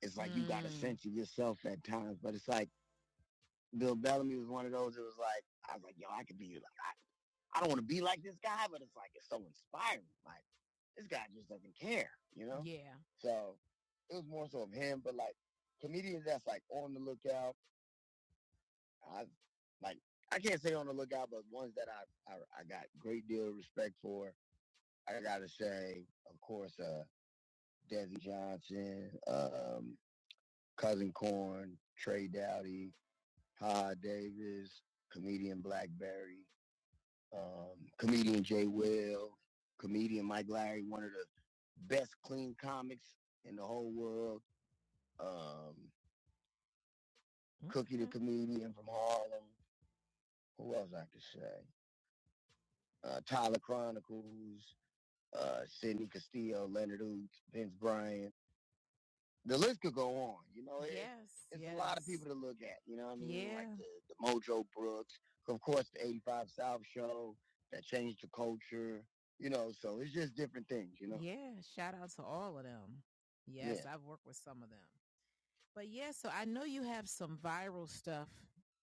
It's like mm. you gotta Mm. censor yourself at times. But it's like Bill Bellamy was one of those. It was like I was like, yo, I could be like I, I don't want to be like this guy, but it's like it's so inspiring. Like this guy just doesn't care, you know. Yeah. So it was more so of him, but like comedians that's like on the lookout. I like I can't say on the lookout, but ones that I I, I got great deal of respect for. I gotta say, of course, uh, Desi Johnson, um, Cousin Corn, Trey Dowdy, Hod Davis, comedian Blackberry, um, comedian Jay Wells, comedian Mike Larry, one of the best clean comics in the whole world. Um, mm-hmm. Cookie the comedian from Harlem. Who else I could say? Uh, Tyler Chronicles, uh, Sidney Castillo, Leonard Oots, Vince Bryan, the list could go on. You know, it, Yes, it's yes. a lot of yes. people to look at. You know what I mean? Like Yeah. Like the, the Mojo Brooks, of course, the 85 South show that changed the culture. You know, so it's just different things, you know? Yeah. Shout out to all of them. Yeah. Yes, yeah. I've worked with some of them. But yeah, so I know you have some viral stuff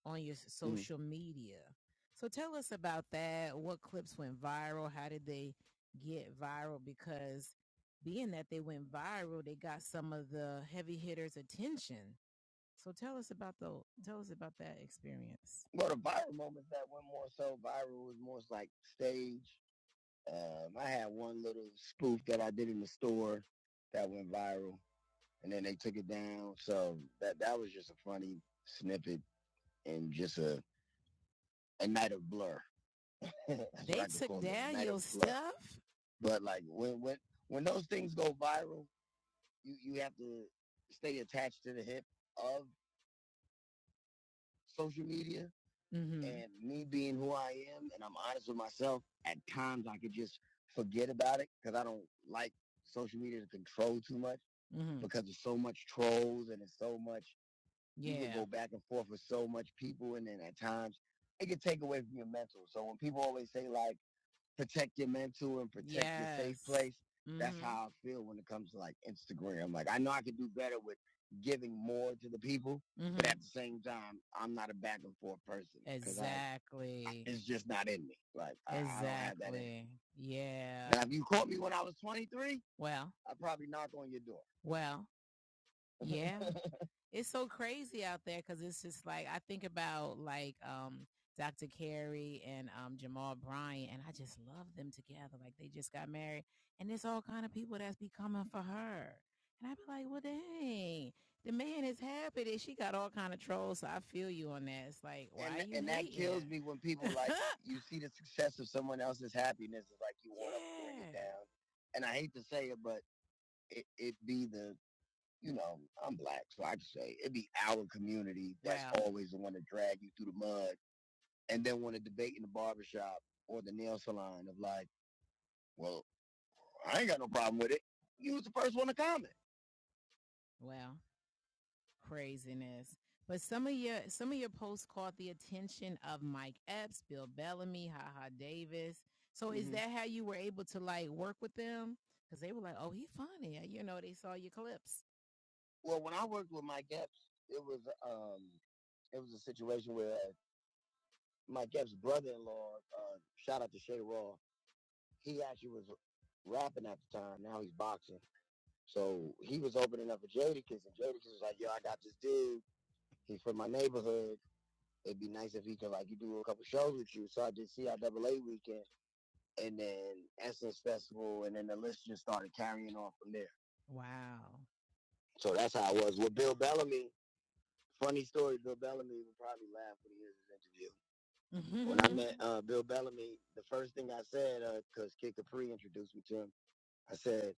on your s- Mm. social media. So tell us about that. What clips went viral? How did they get viral? Because being that they went viral, they got some of the heavy hitters' attention. So tell us about the tell us about that experience. Well, the viral moments that went more so viral was more like stage. Um, I had one little spoof that I did in the store that went viral and then they took it down. So that that was just a funny snippet and just a a night of blur. They took down your stuff. But like when when when those things go viral, you you have to stay attached to the hip of social media. Mhm. And me being who I am, and I'm honest with myself, at times I could just forget about it because I don't like social media to control too much Mhm. because there's so much trolls and it's so much Yeah. You can go back and forth with so much people, and then at times it can take away from your mental. So when people always say like protect your mental and protect yes. your safe Yes. place, mm-hmm. that's Mhm. how I feel when it comes to like Instagram. Like I know I could do better with giving more to the people, mm-hmm. but Mhm. at the same time, I'm not a back and forth person because I Exactly. it's just not in me. Like exactly. I, I don't have that in. me. Exactly. Yeah. Now, if you caught me when I was 23, Well, i probably knock on your door. well, yeah. it's so crazy out there because it's just like I think about like um Dr. Carey and um Jamal Bryant, and I just love them together. Like they just got married, and there's all kind of people that's be coming for her. And I'd be like, well, dang, the man is happy that she got all kind of trolls. So I feel you on that. It's like, why And are you and hating? that kills me when people like you see the success of someone else's happiness is like you want yeah. to bring it yeah. down. And I hate to say it, but it, it be the you know, I'm black, so I just say it would be our community that's Wow. always the one to drag you through the mud and then want to debate in the barbershop or the nail salon of like, well, I ain't got no problem with it. You was the first one to comment. Wow, craziness. But some of your some of your posts caught the attention of Mike Epps, Bill Bellamy, Haha Davis. So mm-hmm. is Mhm. that how you were able to like work with them? Because they were like, "Oh, he's funny," you know. They saw your clips. Well, when I worked with Mike Epps, it was um, it was a situation where uh, Mike Epps' brother-in-law, uh, shout out to Shay Raw, he actually was rapping at the time. Now he's boxing. So he was opening up for Jadakiss, and Jadakiss was like, "Yo, I got this dude. He's from my neighborhood. It'd be nice if he could like you do a couple shows with you." So I did CIAA weekend, and then Essence Festival, and then the list just started carrying on from there. Wow. So that's how it was with Bill Bellamy. Funny story, Bill Bellamy would probably laugh when he hears this interview. Mm-hmm. When I Mhm. met uh, Bill Bellamy, the first thing I said, because uh, Kid Capri introduced me to him, I said,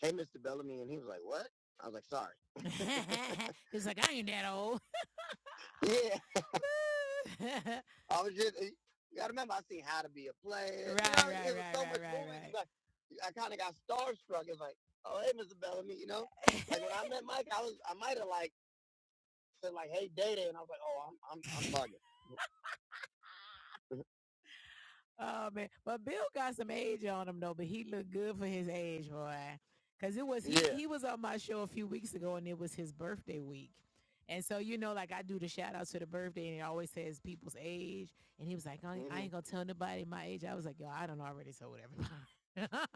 hey, Mr. Bellamy. And he was like, what? I was like, sorry. He's like, I ain't that old. yeah. I was just, eh, you gotta remember, I seen How to Be a Player. You right, you know, right, it was right, so right, much right, right. Like, I kind of got starstruck. It's like, oh, hey, Mr. Bellamy, you know? Like, when I met Mike, I was, I might have, like, said, like, hey, Day Day. And I was like, oh, I'm, I'm, I'm bugging. Oh man, but Bill got some age on him though, but he looked good for his age, boy. Cause it was he Yeah. he was on my show a few weeks ago, and it was his birthday week, and so you know, like I do the shout outs to the birthday, and it always says people's age, and he was like, I ain't mm-hmm. I hmm ain't gonna tell nobody my age. I was like, yo, I don't already told everybody,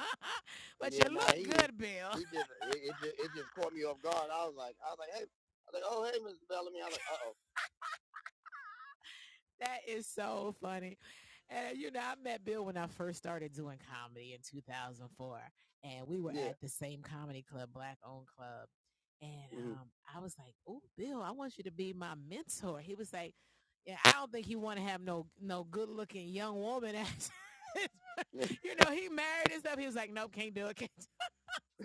but Yeah, you nah, look he good, Bill. he just it, it just it just caught me off guard. I was like I was like, hey I was like, oh hey Mr. Bellamy. I was like, uh oh. That is so funny. And you know, I met Bill when I first started doing comedy in 2004, and we were Yeah. at the same comedy club, Black Owned Club. And Mhm. um, I was like, "Oh, Bill, I want you to be my mentor." He was like, "Yeah, I don't think he want to have no no good looking young woman you know, he married and stuff. He was like, "Nope, can't do it." Can't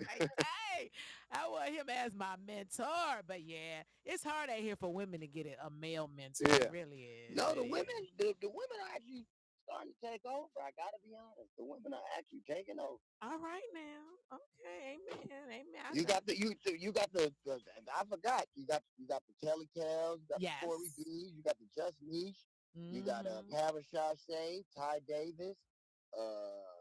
like, hey, I want him as my mentor. But yeah, it's hard out here for women to get a a male mentor. Yeah. It really is. No, the women, the, the women are actually starting to take over. I gotta be honest, the women are actually taking over. All right now. Okay. Amen. Amen. You got the you you got the, the I forgot. You got you got the Kelly Cows, you got Yes. the Corey D's, you got the Just Niche, mm-hmm. you got uh Mhm. Parashar Shay, Ty Davis, uh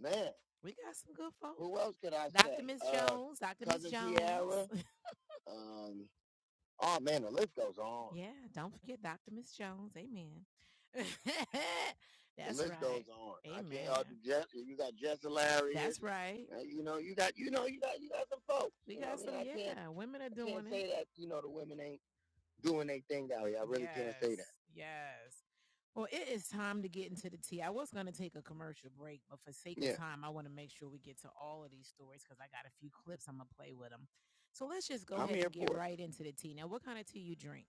Man, We got some good folks. who else could I Dr. say? Miss Uh, Jones, Dr. Miss Cousin Jones. Tiara. Um, oh man, the list goes on. Yeah, don't forget Dr. Miss Jones. Amen. That's The list right. goes on. Amen. I can't. Uh, Amen. Jess, you got Jess and Larry. That's right. uh, you know, you got you know you got you got some folks. We got what I some, mean? yeah, women are doing I can't doing it. say that you know the women ain't doing their thing out here. I really yes. can't say that. Yes, yes. Well, it is time to get into the tea. I was going to take a commercial break, but for sake yeah. of Yeah. time, I want to make sure we get to all of these stories because I got a few clips. I'm going to play with them. So let's just go I'm ahead and get right into the tea. Now, what kind of tea you drink?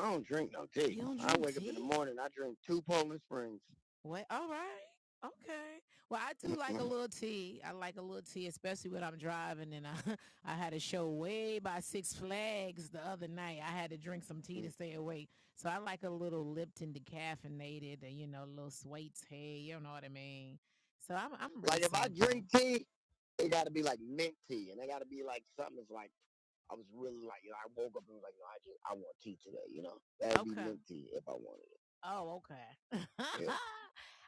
I don't drink no You tea. You don't I drink I wake tea? up in the morning, I drink two Poland Springs. What? All right. Okay. Well, I do like a little tea. I like a little tea, especially when I'm driving. And I, I had a show way by Six Flags the other night. I had to drink some tea to stay awake. So I like a little Lipton decaffeinated, and you know, a little sweets. Hey, you know what I mean? So I'm, I'm really Like if I drink tea, it gotta be like mint tea and it gotta be like something that's like I was really like, you know, I woke up and was like, no, I just I want tea today, you know. That'd be Okay. mint tea if I wanted it. Oh, okay. Yeah.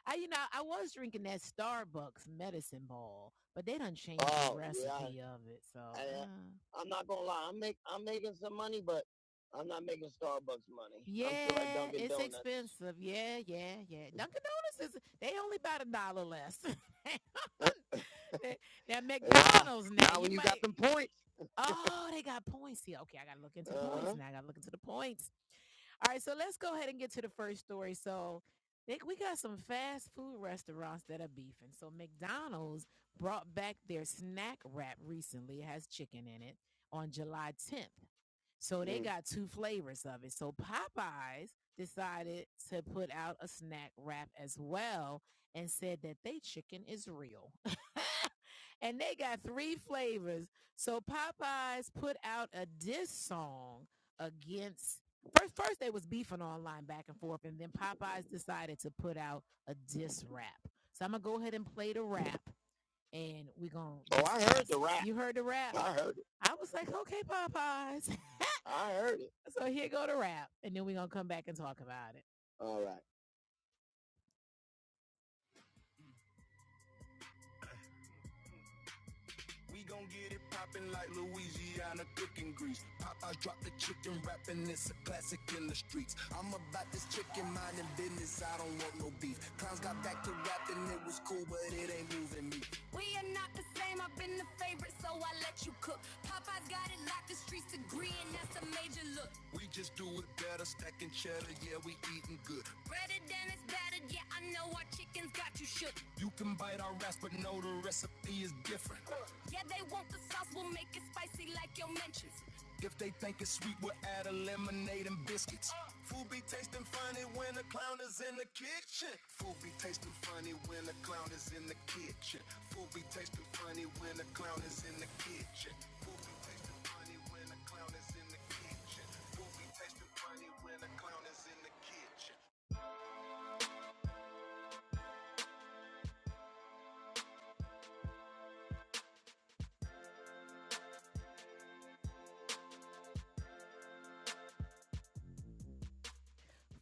I, you know, I was drinking that Starbucks medicine ball, but they done changed the Oh yeah. recipe yeah. of it. So, I, uh, I'm not gonna lie, I'm make I'm making some money, but I'm not making Starbucks money. yeah, Dunkin' it's Donuts. expensive. Yeah, yeah, yeah. Dunkin' Donuts is they only about a dollar less. They that, that McDonald's now. Now when you got might- got them points. Oh, they got points. here okay, I gotta look into the Uh-huh. points now. I gotta look into the points. All right, so let's go ahead and get to the first story. So they, we got some fast food restaurants that are beefing. So McDonald's brought back their snack wrap recently. It has chicken in it on July 10th. So they Mm. got two flavors of it. So Popeyes decided to put out a snack wrap as well and said that they chicken is real. and they got three flavors. So Popeyes put out a diss song against first first they was beefing online back and forth and then Popeyes decided to put out a diss rap. So I'm gonna go ahead and play the rap and we're gonna Oh, I heard the rap. You heard the rap? I heard it. I was like, okay, Popeyes. I heard it. so here go the rap and then we're gonna come back and talk about it. All right. We gon' get it poppin' like Louisiana cooking grease. Popeyes drop the chicken rappin', it's a classic in the streets. I'm about this chicken mindin' business, I don't want no beef. Clowns got back to rappin', it was cool, but it ain't moving me. We are not the same. I've been the favorite, so I let you cook. Popeye's got it locked, the streets agree, and that's a major look. We just do it better, stacking cheddar, yeah, we eatin' good. Breaded and it's battered, yeah, I know our chicken's got you shook. You can bite our ass, but know the recipe is different. Yeah, they want the sauce, we'll make it spicy like your mentions. If they think it's sweet, we'll add a lemonade and biscuits. Uh, Food be tasting funny when the clown is in the kitchen. Food be tasting funny when the clown is in the kitchen. Food be tasting funny when the clown is in the kitchen. Food be tasting funny when the clown is in the kitchen. Food be tasting funny when the clown is in the kitchen.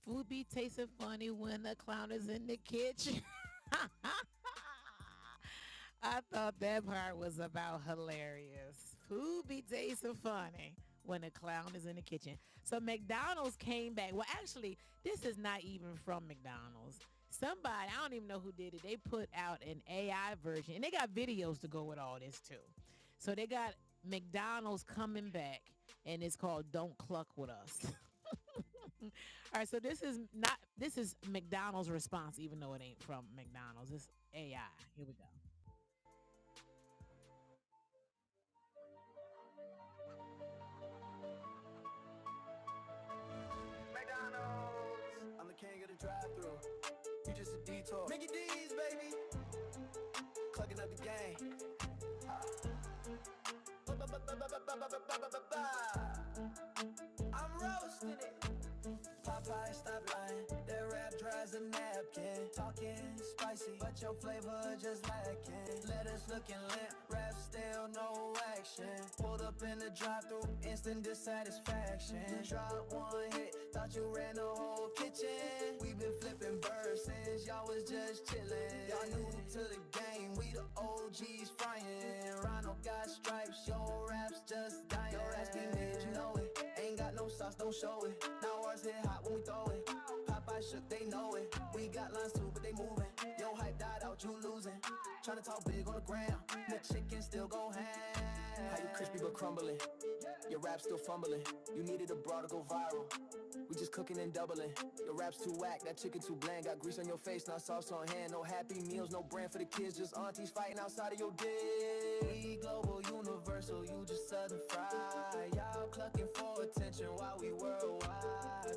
Food be tasting funny when the clown is in the kitchen. I thought that part was about hilarious. Food be tasting funny when the clown is in the kitchen. So McDonald's came back. Well, actually, this is not even from McDonald's. Somebody, I don't even know who did it. They put out an AI version and they got videos to go with all this too. So they got McDonald's coming back and it's called Don't Cluck With Us. All right, so this is not this is McDonald's response, even though it ain't from McDonald's. It's AI. Here we go. McDonald's. I'm the king of the drive-through. You just a detour. Mickey D's, baby. Clucking up the game. I'm roasting it. Popeye, stop lying. That rap dries a napkin. Talking spicy, but your flavor just lacking. Lettuce looking limp. Rap still no action. The chicken still go ham. How you crispy but crumbling? Your rap still fumbling. You needed a bra to go viral. We just cooking and doubling. Your rap's too whack, that chicken too bland. Got grease on your face, not sauce on hand. No happy meals, no brand for the kids. Just aunties fighting outside of your dick. Global, universal, you just southern fry. Y'all clucking for attention while we worldwide.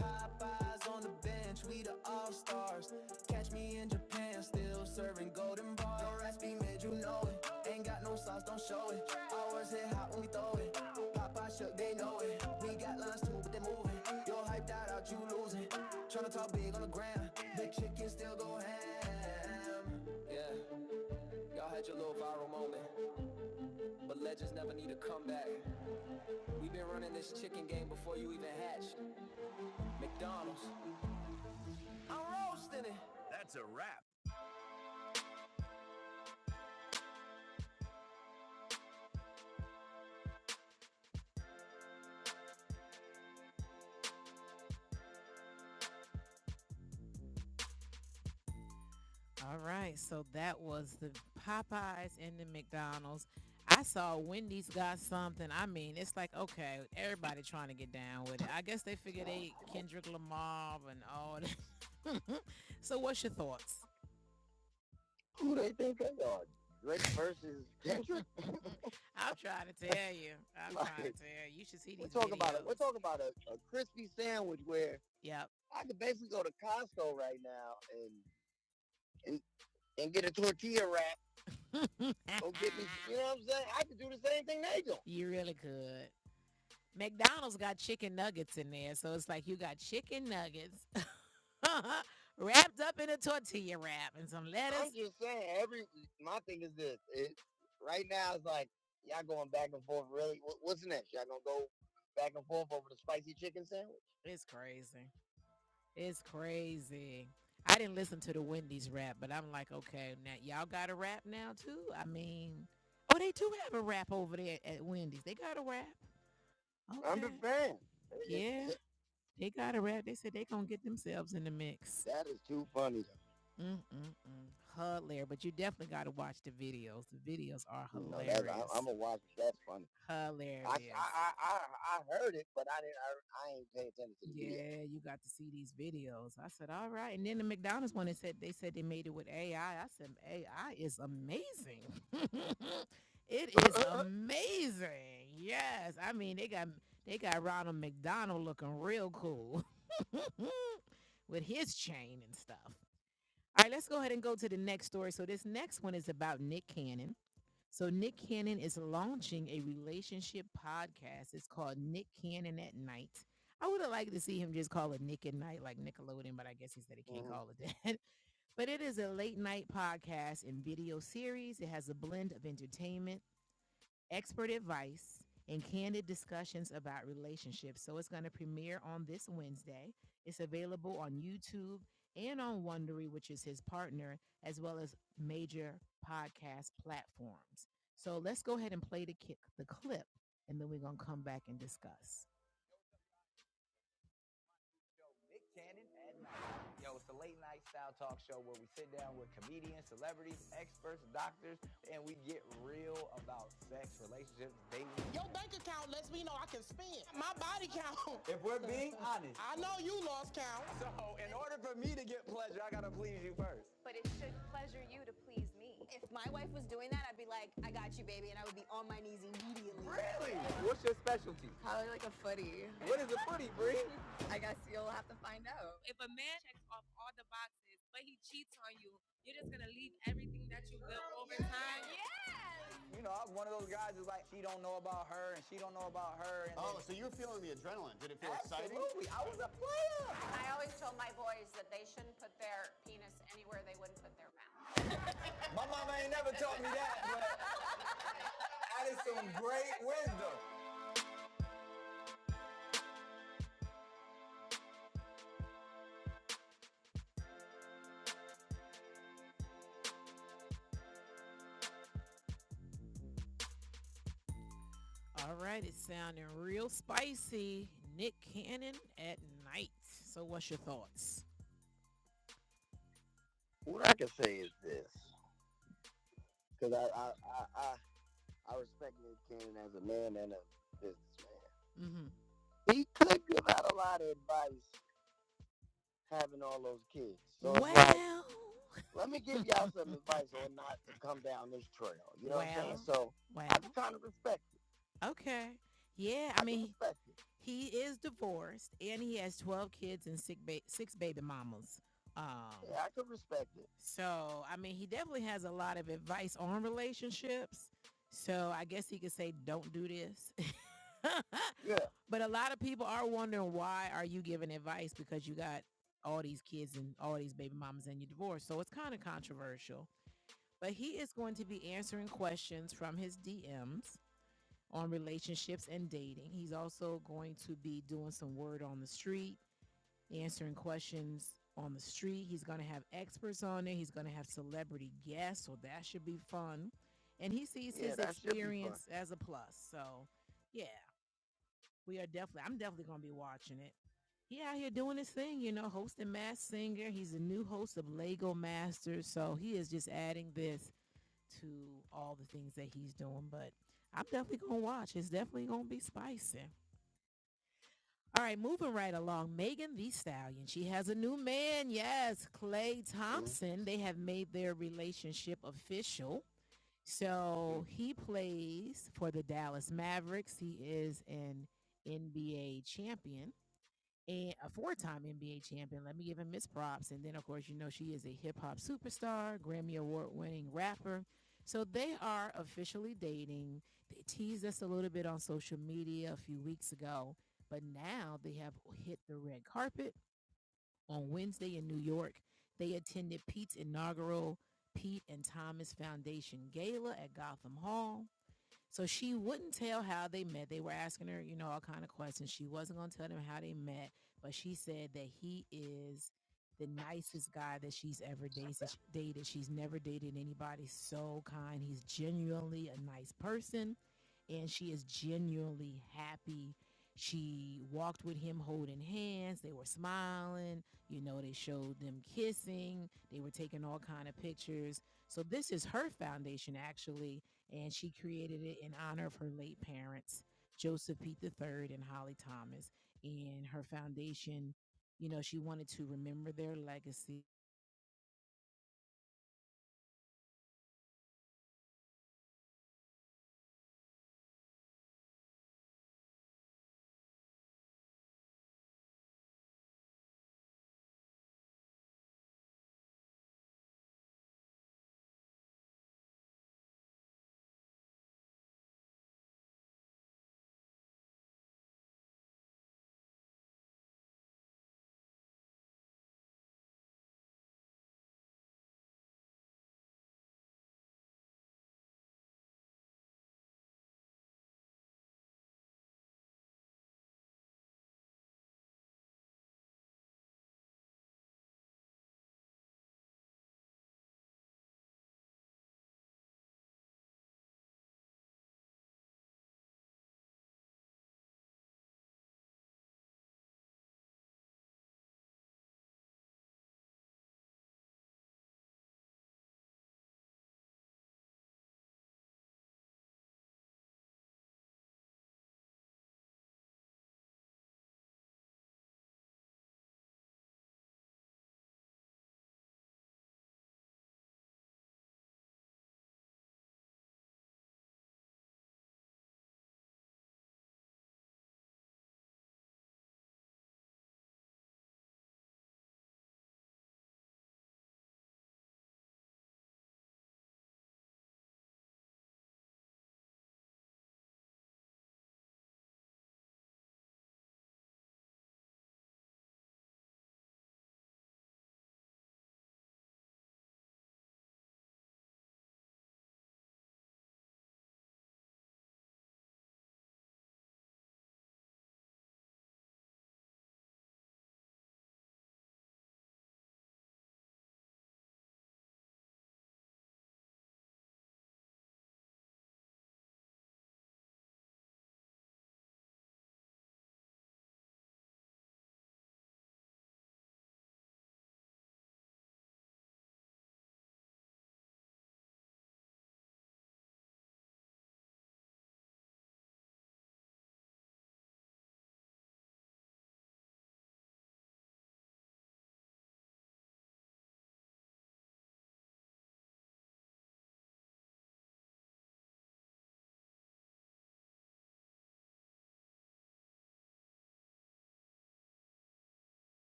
Popeye Eyes on the bench, we the all stars. Catch me in Japan, still serving golden bars. No recipe, mid, you know it. Ain't got no sauce, don't show it. Ours hit hot when we throw it. Popeye shook, they know it. We got lines too, but they moving. You're hyped out, out you losing. Tryna talk big on the ground. The chicken still go ham. Yeah, y'all had your little viral moment, but legends never need a comeback. we been running this chicken game before you even hatched. McDonald's, All right, so that was the Popeyes and the McDonald's. I saw Wendy's got something. I mean, it's like okay, everybody trying to get down with it. I guess they figure they Kendrick Lamar and all that. so, what's your thoughts? Who they think they are? Drake versus Kendrick? I'm trying to tell you. I'm like, trying to tell you. You should see these. We're talking videos. about it. We're talking about a, a crispy sandwich where Yep. I could basically go to Costco right now and and, and get a tortilla wrap Go get me. You know what I'm saying? I could do the same thing they do. You really could. McDonald's got chicken nuggets in there, so it's like you got chicken nuggets wrapped up in a tortilla wrap and some lettuce. I'm just saying. Every my thing is this. It, right now it's like y'all going back and forth. Really, what's next? Y'all gonna go back and forth over the spicy chicken sandwich? It's crazy. It's crazy. I didn't listen to the Wendy's rap, but I'm like, okay, now y'all got a rap now too. I mean, oh, they do have a rap over there at Wendy's. They got a rap. I'm Okay. I'm just saying. Yeah. They got a rap. They said they gonna get themselves in the mix. That is too funny though. Mm-mm-mm. Hilarious. But you definitely gotta watch the videos. The videos are You know, hilarious. No, I, I'm gonna watch it. That's funny. hilarious. I, I, I, I heard it, but I didn't. I, I ain't pay attention to the video. yeah, video. you got to see these videos. I said, all right. And then the McDonald's one, they said they said they made it with AI. I I said, AI is amazing. it is amazing. Yes, I mean they got they got Ronald McDonald looking real cool with his chain and stuff. All right, let's go ahead and go to the next story. So this next one is about Nick Cannon. So Nick Cannon is launching a relationship podcast. It's called Nick Cannon at Night. I would have liked to see him just call it Nick at Night, like Nickelodeon, but I guess he said he can't Mhm. call it that. But it is a late night podcast and video series. It has a blend of entertainment expert advice, and candid discussions about relationships. So it's going to premiere on this Wednesday. It's available on YouTube and on Wondery, which is his partner, as well as major podcast platforms. So let's go ahead and play the kick, the clip, and then we're going to come back and discuss. Yo, it's the late night style talk show where we sit down with comedians, celebrities, experts, doctors, and we get real about sex, relationships, dating, My body count. If we're being honest, I know you lost count. So, in order for me to get pleasure, I gotta please you first. but it should pleasure you to please. what's your specialty? Footy. What is a footy, Bree? If a man checks off all the boxes, but he cheats on you, you're just gonna leave everything that you built over time. Absolutely. I was up. I always told my boys that they shouldn't put their penis anywhere they wouldn't put their mouth. Who taught me that? But that is some great wisdom. All right, it's sounding real spicy. Nick Cannon at night. So, what's your thoughts? What I can say is this, because I, I, I, I, I respect Nick Cannon as a man and a businessman. Mm-hmm. He could give out a lot of advice having all those kids. So it's like, Well, let me give y'all some advice on not to come down this trail. You know well, what I'm saying? well, So well. I well. kind of respect it. Okay. Yeah, I I mean, he is divorced and he has 12 kids and six, ba- six baby mamas. Um, Yeah, I can respect it. so, I mean, he definitely has a lot of advice on relationships. So, I guess he could say, don't do this. Yeah. But a lot of people are wondering why are you giving advice because you got all these kids and all these baby mamas and you're divorced. So it's kind of controversial. But he is going to be answering questions from his DMs on relationships and dating. He's also going to be doing some word on the street, answering questions on the street. He's going to have experts on there. He's going to have celebrity guests, so that should be fun. And he sees Yeah, his experience as a plus. So, yeah, we are definitely I'm definitely gonna be watching it. He out here doing his thing, you know, hosting Mass Singer. He's the new host of Lego Masters, so he is just adding this to all the things that he's doing. But I'm definitely gonna watch. It's definitely gonna be spicy. All right, moving right along. Megan the Stallion. She has a new man. Yes, Clay Thompson. They have made their relationship official. So he plays for the Dallas Mavericks. He is an NBA champion and a four-time NBA champion. Let me give him his props. And then, of course, you know she is a hip hop superstar, Grammy award-winning rapper. So they are officially dating. They teased us a little bit on social media a few weeks ago, but now they have hit the red carpet on Wednesday in New York. They attended Pete's inaugural Pete and Thomas Foundation Gala at Gotham Hall. So she wouldn't tell how they met. They were asking her, you know, all kind of questions. She wasn't going to tell them how they met, but she said that he is the nicest guy that she's ever dated. She's never dated anybody so kind. He's genuinely a nice person and she is genuinely happy. She walked with him holding hands. They were smiling. You know, they showed them kissing. They were taking all kind of pictures. So this is her foundation actually and she created it in honor of her late parents, Joseph Pete the Third and Holly Thomas. And her foundation, you know, she wanted to remember their legacy.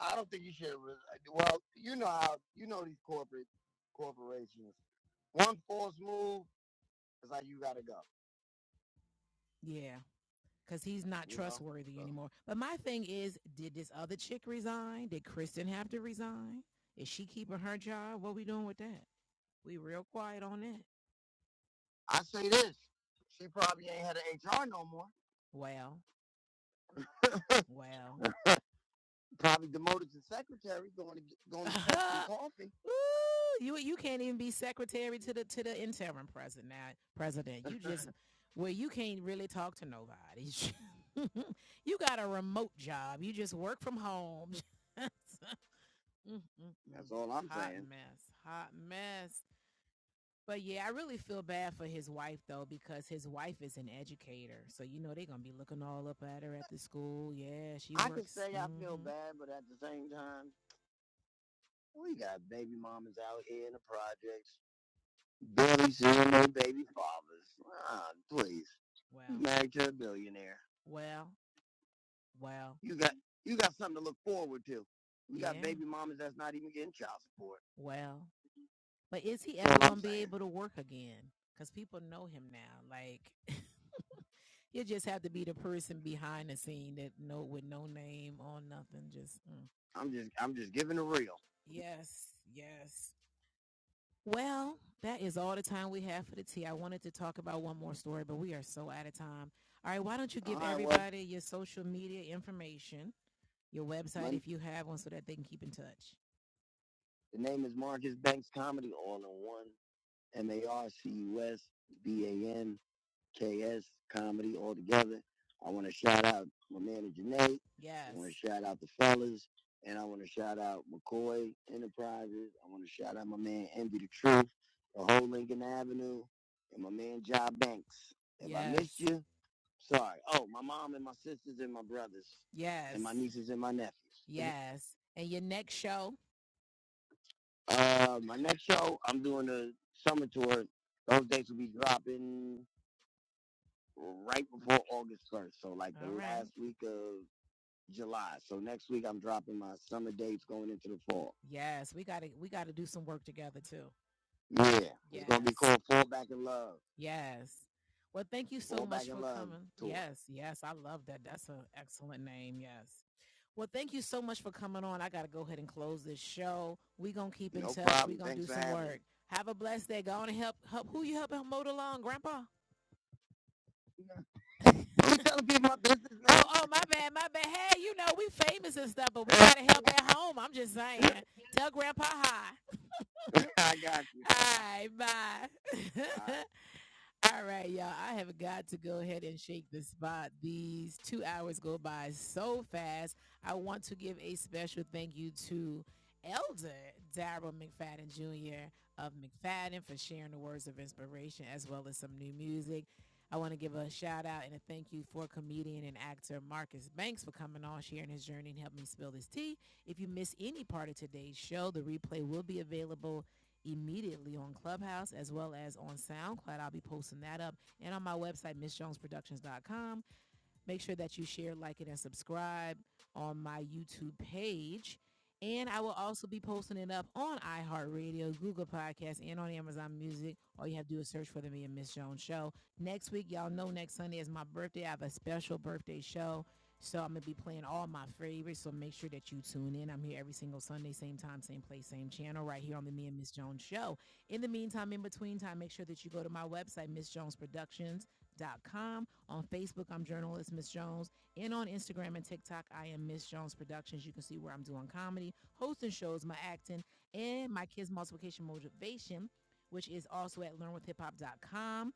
I don't think you should. Well, you know how you know these corporate corporations. One false move is like you got to go. Yeah, because he's not You trustworthy So anymore. But my thing is, did this other chick resign? Did Kristen have to resign? Is she keeping her job? What we doing with that? We real quiet on that. I say this. She probably ain't had an HR no more. Well, well. probably demoted to secretary, going to going to catch some coffee. Ooh, you you can't even be secretary to the to the interim president now, president. You just well, you can't really talk to nobody. you got a remote job. You just work from home. That's all I'm hot saying. Hot mess. Hot mess. But yeah, I really feel bad for his wife though, because his wife is an educator. So you know they're gonna be looking all up at her at the school. Yeah, she I can works. can say mm-hmm. I feel mhm. bad, but at the same time, we got baby mamas out here in the projects, barely seeing their baby fathers. Ah, please, you Well, you married to a billionaire. well, well, You got you got something to look forward to. You yeah. got yeah, baby mamas that's not even getting child support. well. But is he ever gonna be able to work again? Because people know him now. Like you just have to be the person behind the scene that no with no name or nothing. Just mm. I'm just I'm just giving the real. yes, yes. Well, that is all the time we have for the tea. I wanted to talk about one more story, but we are so out of time. All right, why don't you give right, well, everybody well, your social media information, your website my if you have one, so that they can keep in touch. the name is Marcus Banks Comedy on the one M A R C U S B A N K S comedy all together. I want to shout out my manager Nate. I want to Yes. shout out the fellas, and I want to shout out McCoy Enterprises. I want to shout out my man Envy the Truth, the whole Lincoln Avenue, and my man Job Banks. If yes. I missed Yes. you, sorry. Oh, my mom and my sisters and my brothers, Yes. and my Yes. nieces and my nephews. Yes. And your next show? Uh, my next show, I'm doing a summer tour. Those dates will be dropping right before August 1st. So, like the All right. last week of July. So, next week, I'm dropping my summer dates going into the fall. Yes, we gotta we gotta do some work together too. Yeah, Yes. it's gonna be Yes. called Fall Back in Love. Yes. Well, thank you so Fall much for coming. tour. Yes, yes, I love that. That's an excellent name. Yes. Well, thank you so much for coming on. I got to go ahead and close this show. we going to keep in No touch. we problem. going to do some work. Have a blessed day. Go on and help, help who you helping? mow along, Grandpa? You telling people my business, now? Oh, oh, my bad, my bad. Hey, you know, we famous and stuff, but we got to help at home. I'm just saying. Tell Grandpa hi. I got you. All right, bye. All right. All right, y'all. I have got to go ahead and shake the spot. These two hours go by so fast. I want to give a special thank you to Elder Daryl McFadden Jr. of McFadden for sharing the words of inspiration as well as some new music. I want to give a shout out and a thank you for comedian and actor Marcus Banks for coming on, sharing his journey, and helping me spill this tea. If you miss any part of today's show, the replay will be available immediately on Clubhouse as well as on SoundCloud. I'll be posting that up and on my website, MissJonesProductions.com. Make sure that you share, like it, and subscribe on my YouTube page. And I will also be posting it up on iHeartRadio, Google Podcasts, and on Amazon Music. All you have to do is search for the Me and Miss Jones Show. Next week, y'all know next Sunday is my birthday. I have a special birthday show. So I'm going to be playing all my favorites. So make sure that you tune in. I'm here every single Sunday, same time, same place, same channel, right here on the Me and Miss Jones Show. In the meantime, in between time, make sure that you go to my website, missjonesproductions.com, on Facebook, I'm journalist Miss Jones. And on Instagram and TikTok, I am Miss Jones Productions. You can see where I'm doing comedy, hosting shows, my acting, and my kids' multiplication motivation, which is also at learnwithhiphop.com.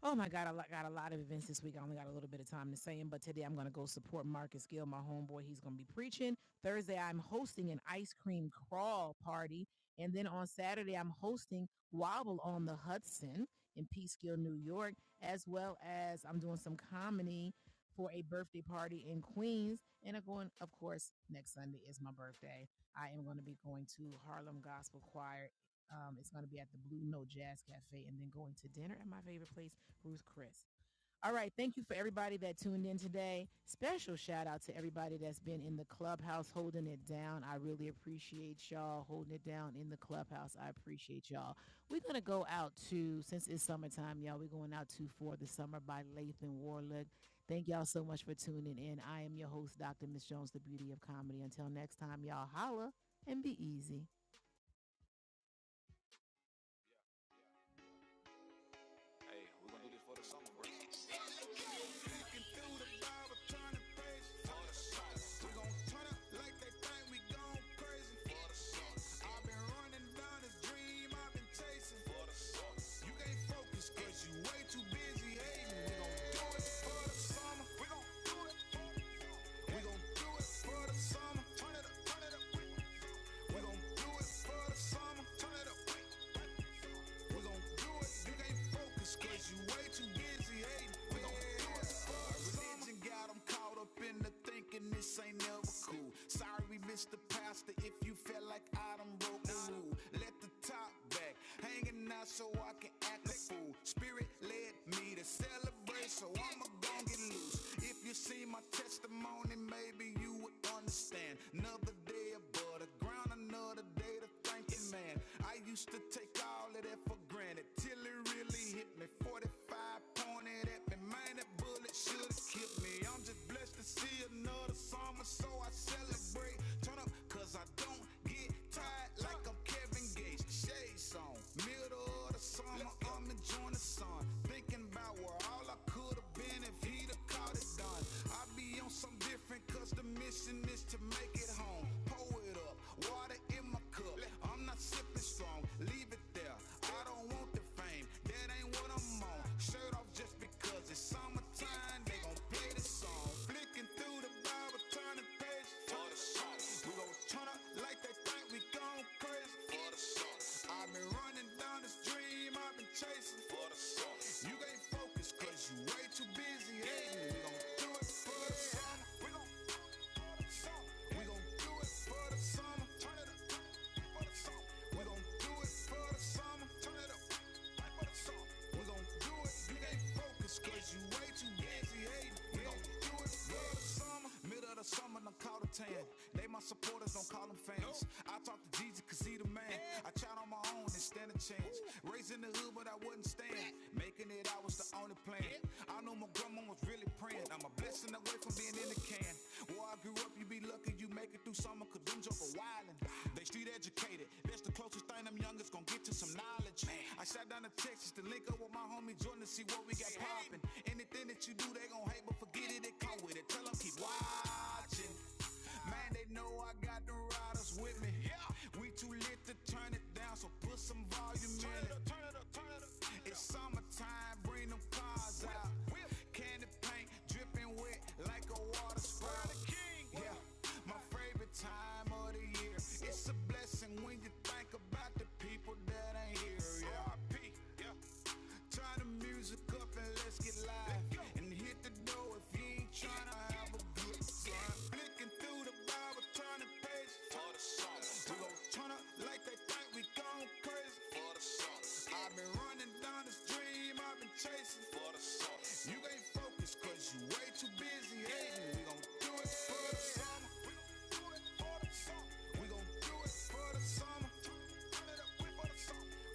Oh my God, I got a lot of events this week. I only got a little bit of time to say them, but today I'm going to go support Marcus Gill, my homeboy. He's going to be preaching. Thursday, I'm hosting an ice cream crawl party. And then on Saturday, I'm hosting Wobble on the Hudson in Peekskill, New York, as well as I'm doing some comedy for a birthday party in Queens. And I'm going, of course, next Sunday is my birthday. I am going to be going to Harlem Gospel Choir um, it's going to be at the Blue Note Jazz Cafe and then going to dinner at my favorite place Ruth Chris. All right. Thank you for everybody that tuned in today. Special shout out to everybody that's been in the clubhouse holding it down. I really appreciate y'all holding it down in the clubhouse. I appreciate y'all. We're going to go out to, since it's summertime, y'all, we're going out to For the Summer by Lathan Warlick. Thank y'all so much for tuning in. I am your host, Dr. Miss Jones, the beauty of comedy. Until next time, y'all holla and be easy. We gon' turn up like they think we gone crazy. I've been running down this dream I've been chasing. You can't focus cause you way too busy hating. We gon' do it for the summer. We gon' do it for the summer. We gon' do it for the summer. Turn it up, turn it up. We gon' do it for the summer. Turn it up. We gon' do it. You can't focus cause you way too busy hating. We gon' do it. Our religion got 'em caught up in the thinking this ain't never cool. Sorry we missed the pastor if you felt like I done broke the rule. Let the hanging out so I can act. Spirit led me to celebrate so I'ma go. If you see my testimony, maybe you would understand. Another but a I used to take all of that for granted till it really hit me. 45 pointed at me, man, that bullet should have killed me. I'm just blessed to see another summer celebrate. Turn up, cause I don't get tired like I'm Kevin Gates. Shake on, middle of the summer, I'm enjoying the sun. Thinking about where all I could have been if he'd have called it done. I be on different cause they get home. Pour it up, water in my cup. there. I don't want the fame, that ain't what I'm on. Shirt off just because it's summertime, they gon' play the song. Flicking through the Bible, turning page for the song. We gon' turn up like they think we gon' crazy for the song. I've been running down this dream, I've been chasing for the song. You focus cause you way too busy hating. We gon' do it for the song. We gon' stay playing, blessing away from being in the can. Boy, I grew up, you be lucky you make it through summer, cause them joker wildin'. They street educated, that's the closest thing them youngins gon' get to some knowledge. I shot down to Texas to link up with my homie Jordan to see what we got poppin'. Anything that you do, they gon' hate, but forget it, it come with it. Tell them keep watching. Man, they know I got the riders with me. We too lit to turn it down, so put some volume in it. It's summertime, bring them cars out. Candy paint dripping wet like a water spout. Yeah, my favorite time of the year. It's a blessing we can think about the people that ain't here. Yeah. R.I.P. Yeah. Turn the music up and let's get live. Let's And hit the door if you ain't tryna have a good time. Flicking through the Bible, turn the page. For the sauce. We gon' turn up like they think we gon' crazy. For the sauce. I've been running down this dream I've been chasing. For the sauce. You ain't focused 'cause you way too busy hating. We gon' do it for the summer. We gon' do it for the summer. we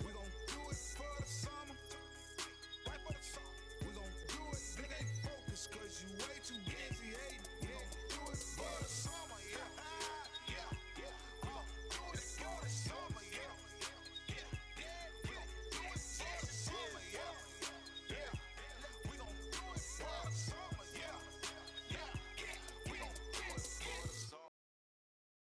gon' do it for the summer. Right for the summer. We gon' do it. Nigga ain't focused, cause you way too busy hating. We gon' do it for the